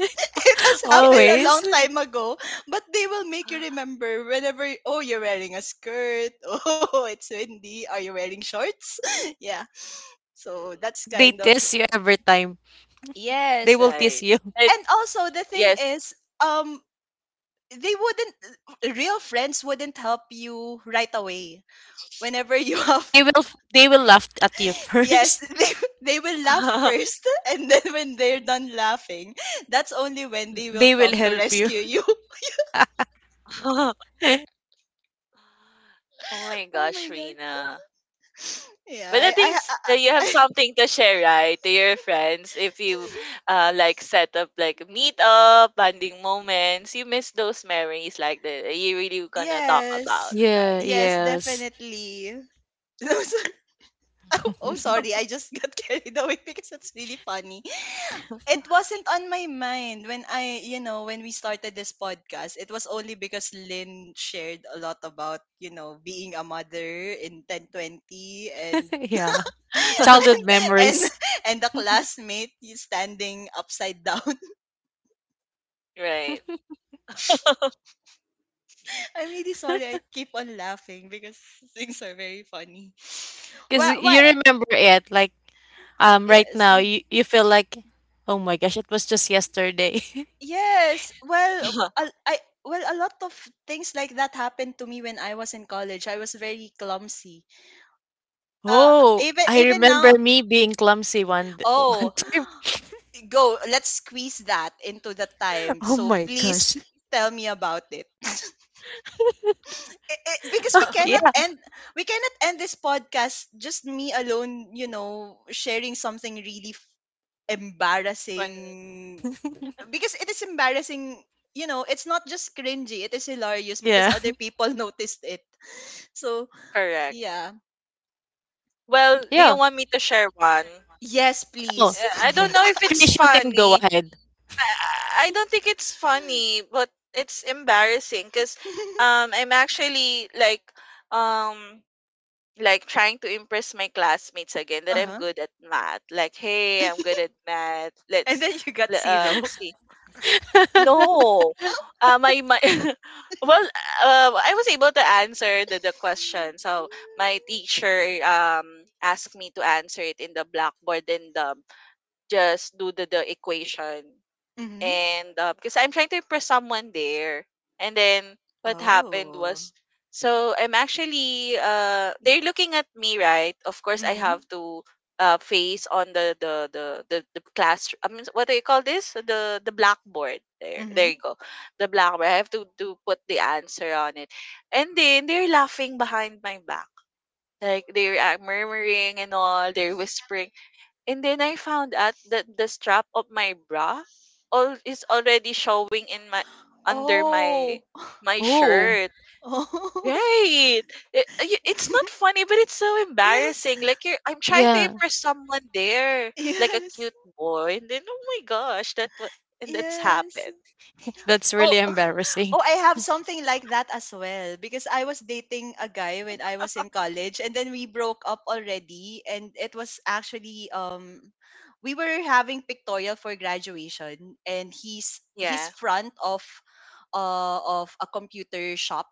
Speaker 1: it has
Speaker 3: Yeah,
Speaker 1: happened a long
Speaker 2: always.
Speaker 3: like,
Speaker 1: time ago, but they will make you
Speaker 3: Hmm,
Speaker 1: remember whenever, oh, you're wearing a skirt. Oh, it's windy. Are you wearing shorts? Yeah. So that's
Speaker 2: They
Speaker 1: kind of—
Speaker 2: tease you every time. They
Speaker 1: yes.
Speaker 2: will tease
Speaker 3: right.
Speaker 2: you.
Speaker 3: Right.
Speaker 1: And also, the thing
Speaker 3: Yes.
Speaker 1: is, um, they wouldn't, real friends wouldn't help you right away. Whenever you have—
Speaker 2: They will they will laugh at you
Speaker 1: yes,
Speaker 2: first.
Speaker 1: they will laugh first. And then when they're done laughing, that's only when they will
Speaker 2: They will
Speaker 1: come to
Speaker 2: help you.
Speaker 1: rescue you.
Speaker 3: Oh my
Speaker 1: Oh
Speaker 3: gosh,
Speaker 1: my—
Speaker 3: Rina.
Speaker 1: Yeah,
Speaker 3: But I
Speaker 1: I,
Speaker 3: think
Speaker 1: I, I,
Speaker 3: you have
Speaker 1: I
Speaker 3: something to share, right, to your friends. If you like set up like meet up, bonding moments, you miss those memories like that you really gonna talk about,
Speaker 1: yes,
Speaker 2: Yeah,
Speaker 3: right?
Speaker 1: yes,
Speaker 2: yes.
Speaker 1: definitely. No, oh, oh, sorry, I just got carried away because it's really funny. It wasn't on my mind when I, when we started this podcast. It was only because Lynn shared a lot about, being a mother in 1020, and
Speaker 2: Yeah.
Speaker 1: and
Speaker 2: Childhood
Speaker 1: and,
Speaker 2: memories.
Speaker 1: and the classmate is standing upside down.
Speaker 3: Right.
Speaker 1: I'm really sorry. I keep on laughing because things are very funny.
Speaker 2: Because
Speaker 1: Well, why?
Speaker 2: you remember it, like right
Speaker 1: Yes,
Speaker 2: now you feel like oh my gosh, it was just yesterday.
Speaker 1: yes. Well, a- I well a lot of things like that happened to me when I was in college. I was very clumsy. Uh,
Speaker 2: Oh,
Speaker 1: even
Speaker 2: I
Speaker 1: even
Speaker 2: remember
Speaker 1: now.
Speaker 2: me being clumsy one
Speaker 1: Oh,
Speaker 2: time.
Speaker 1: go. Let's squeeze that into the time.
Speaker 2: Oh
Speaker 1: So
Speaker 2: my
Speaker 1: please
Speaker 2: gosh.
Speaker 1: tell me about it. Because
Speaker 2: Yeah,
Speaker 1: we cannot end this podcast, just me alone, sharing something really
Speaker 3: Fun.
Speaker 1: embarrassing, because it is embarrassing. You know it's not just cringy, it is hilarious because
Speaker 2: yeah.
Speaker 1: other people noticed it, so
Speaker 3: Correct.
Speaker 1: yeah.
Speaker 3: Well, do you
Speaker 2: Yeah.
Speaker 3: want me to share one?
Speaker 1: Yes,
Speaker 2: Oh,
Speaker 1: please.
Speaker 3: Yeah, I
Speaker 2: I'm
Speaker 3: don't
Speaker 2: like,
Speaker 3: know if it's
Speaker 2: Krish, you can go
Speaker 3: funny.
Speaker 2: ahead.
Speaker 3: I don't think it's funny, but it's embarrassing because I'm actually um like trying to impress my classmates again that I'm
Speaker 1: Uh-huh.
Speaker 3: good at math. Like, hey, I'm good at math.
Speaker 1: And
Speaker 3: Let's
Speaker 1: then you got zero.
Speaker 3: see. No, my well, I was able to answer the question. So my teacher asked me to answer it in the blackboard and just do the equation
Speaker 1: Mm-hmm.
Speaker 3: and because I'm trying to impress someone there. And then what happened
Speaker 1: Oh.
Speaker 3: was, so I'm actually they're looking at me, right? Of course, I
Speaker 1: Mm-hmm.
Speaker 3: have to face on the class. I mean, what do you call this? The blackboard. There you
Speaker 1: Mm-hmm.
Speaker 3: go. The blackboard. I have to put the answer on it, and then they're laughing behind my back. Like they're murmuring and all, they're whispering and then I found out that the strap of my bra all is already showing in my under my
Speaker 1: Oh.
Speaker 3: my
Speaker 2: Oh,
Speaker 3: shirt.
Speaker 1: Oh.
Speaker 3: Right. It's not funny, but it's so
Speaker 1: Yes,
Speaker 3: embarrassing. Like you're, I'm trying to
Speaker 2: yeah.
Speaker 3: impress someone there, like a
Speaker 1: yes,
Speaker 3: cute boy, and then oh my gosh, that what and that's
Speaker 1: yes.
Speaker 3: happened.
Speaker 2: That's
Speaker 1: Oh,
Speaker 2: really embarrassing.
Speaker 1: oh, I have something like that as well because I was dating a guy when I was in college and then we broke up already, and it was actually, we were having pictorial for graduation, and he's
Speaker 3: Yeah.
Speaker 1: front of a computer shop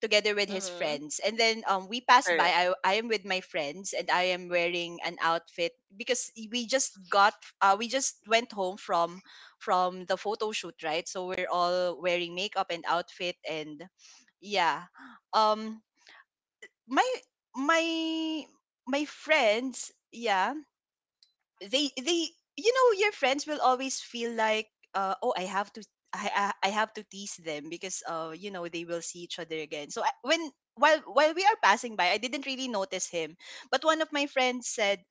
Speaker 1: together with his
Speaker 3: Mm-hmm.
Speaker 1: friends. And then we passed by.
Speaker 3: Correct.
Speaker 1: I am with my friends, and I am wearing an outfit because we just went home from the photo shoot, right? So we're all wearing makeup and outfit, and yeah. Um my my my friends, yeah, they you know your friends will always feel like, oh, I have to tease them because they will see each other again. So I, when while we are passing by, I didn't really notice him, but one of my friends said,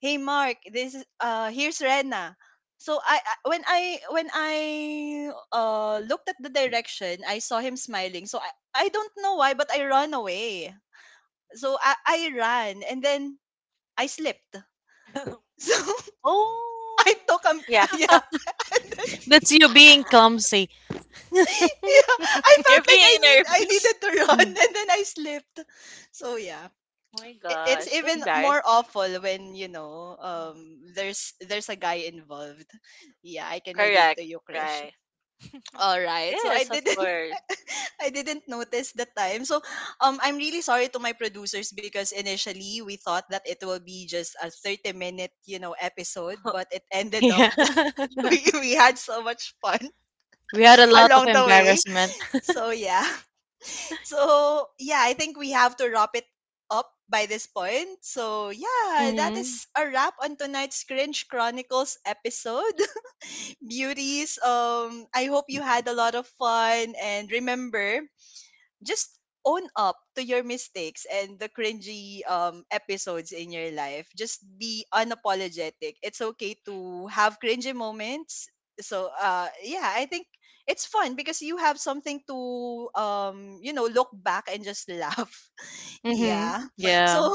Speaker 1: "Hey, Mark, this is— here's Rena." So I looked at the direction. I saw him smiling. So I don't know why, but I ran away. So I ran, and then I slipped. So
Speaker 3: oh.
Speaker 1: I took a—
Speaker 3: Yeah.
Speaker 1: yeah. And then,
Speaker 2: That's you being clumsy.
Speaker 1: yeah, I felt
Speaker 3: You're
Speaker 1: like
Speaker 3: being
Speaker 1: I
Speaker 3: nervous.
Speaker 1: needed to run,
Speaker 2: Mm.
Speaker 1: and then I slipped. So yeah.
Speaker 3: Oh my
Speaker 1: It's
Speaker 3: gosh, so
Speaker 1: even more
Speaker 3: embarrassing.
Speaker 1: awful when, there's a guy involved. Yeah, I can relate to
Speaker 3: Correct.
Speaker 1: you, Krish.
Speaker 3: Right.
Speaker 1: All right. So I
Speaker 3: Yes, of
Speaker 1: didn't
Speaker 3: course.
Speaker 1: I didn't notice the time. So, I'm really sorry to my producers because initially we thought that it will be just a 30 minute, episode, but it ended up—
Speaker 2: Yeah.
Speaker 1: we had so much fun
Speaker 2: We had a lot of
Speaker 1: along the way.
Speaker 2: embarrassment.
Speaker 1: So yeah. So yeah, I think we have to wrap it up by this point. So yeah, that is a wrap on tonight's Cringe Chronicles episode. Beauties, I hope you had a lot of fun, and remember, just own up to your mistakes and the cringy episodes in your life. Just be unapologetic. It's okay to have cringy moments. So yeah, I think it's fun because you have something to look back and just laugh.
Speaker 2: Mm-hmm.
Speaker 1: Yeah.
Speaker 3: Right.
Speaker 1: So
Speaker 2: Yeah.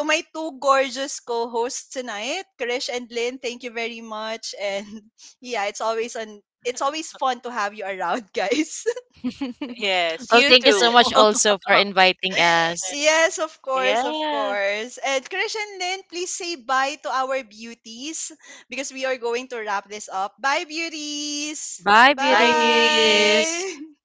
Speaker 1: to my two gorgeous co-hosts tonight, Krish and Lynn, thank you very much, and yeah, it's always an it's always fun to have you around, guys.
Speaker 3: Yes,
Speaker 2: Well,
Speaker 3: you
Speaker 2: thank you
Speaker 3: too.
Speaker 2: so much also for inviting us.
Speaker 1: Yes, of course, of
Speaker 3: Yeah.
Speaker 1: course. And Christian Lynn, please say bye to our beauties because we are going to wrap this up. Bye, beauties.
Speaker 2: Bye,
Speaker 3: Bye, beauty.
Speaker 2: beauties.
Speaker 1: Bye.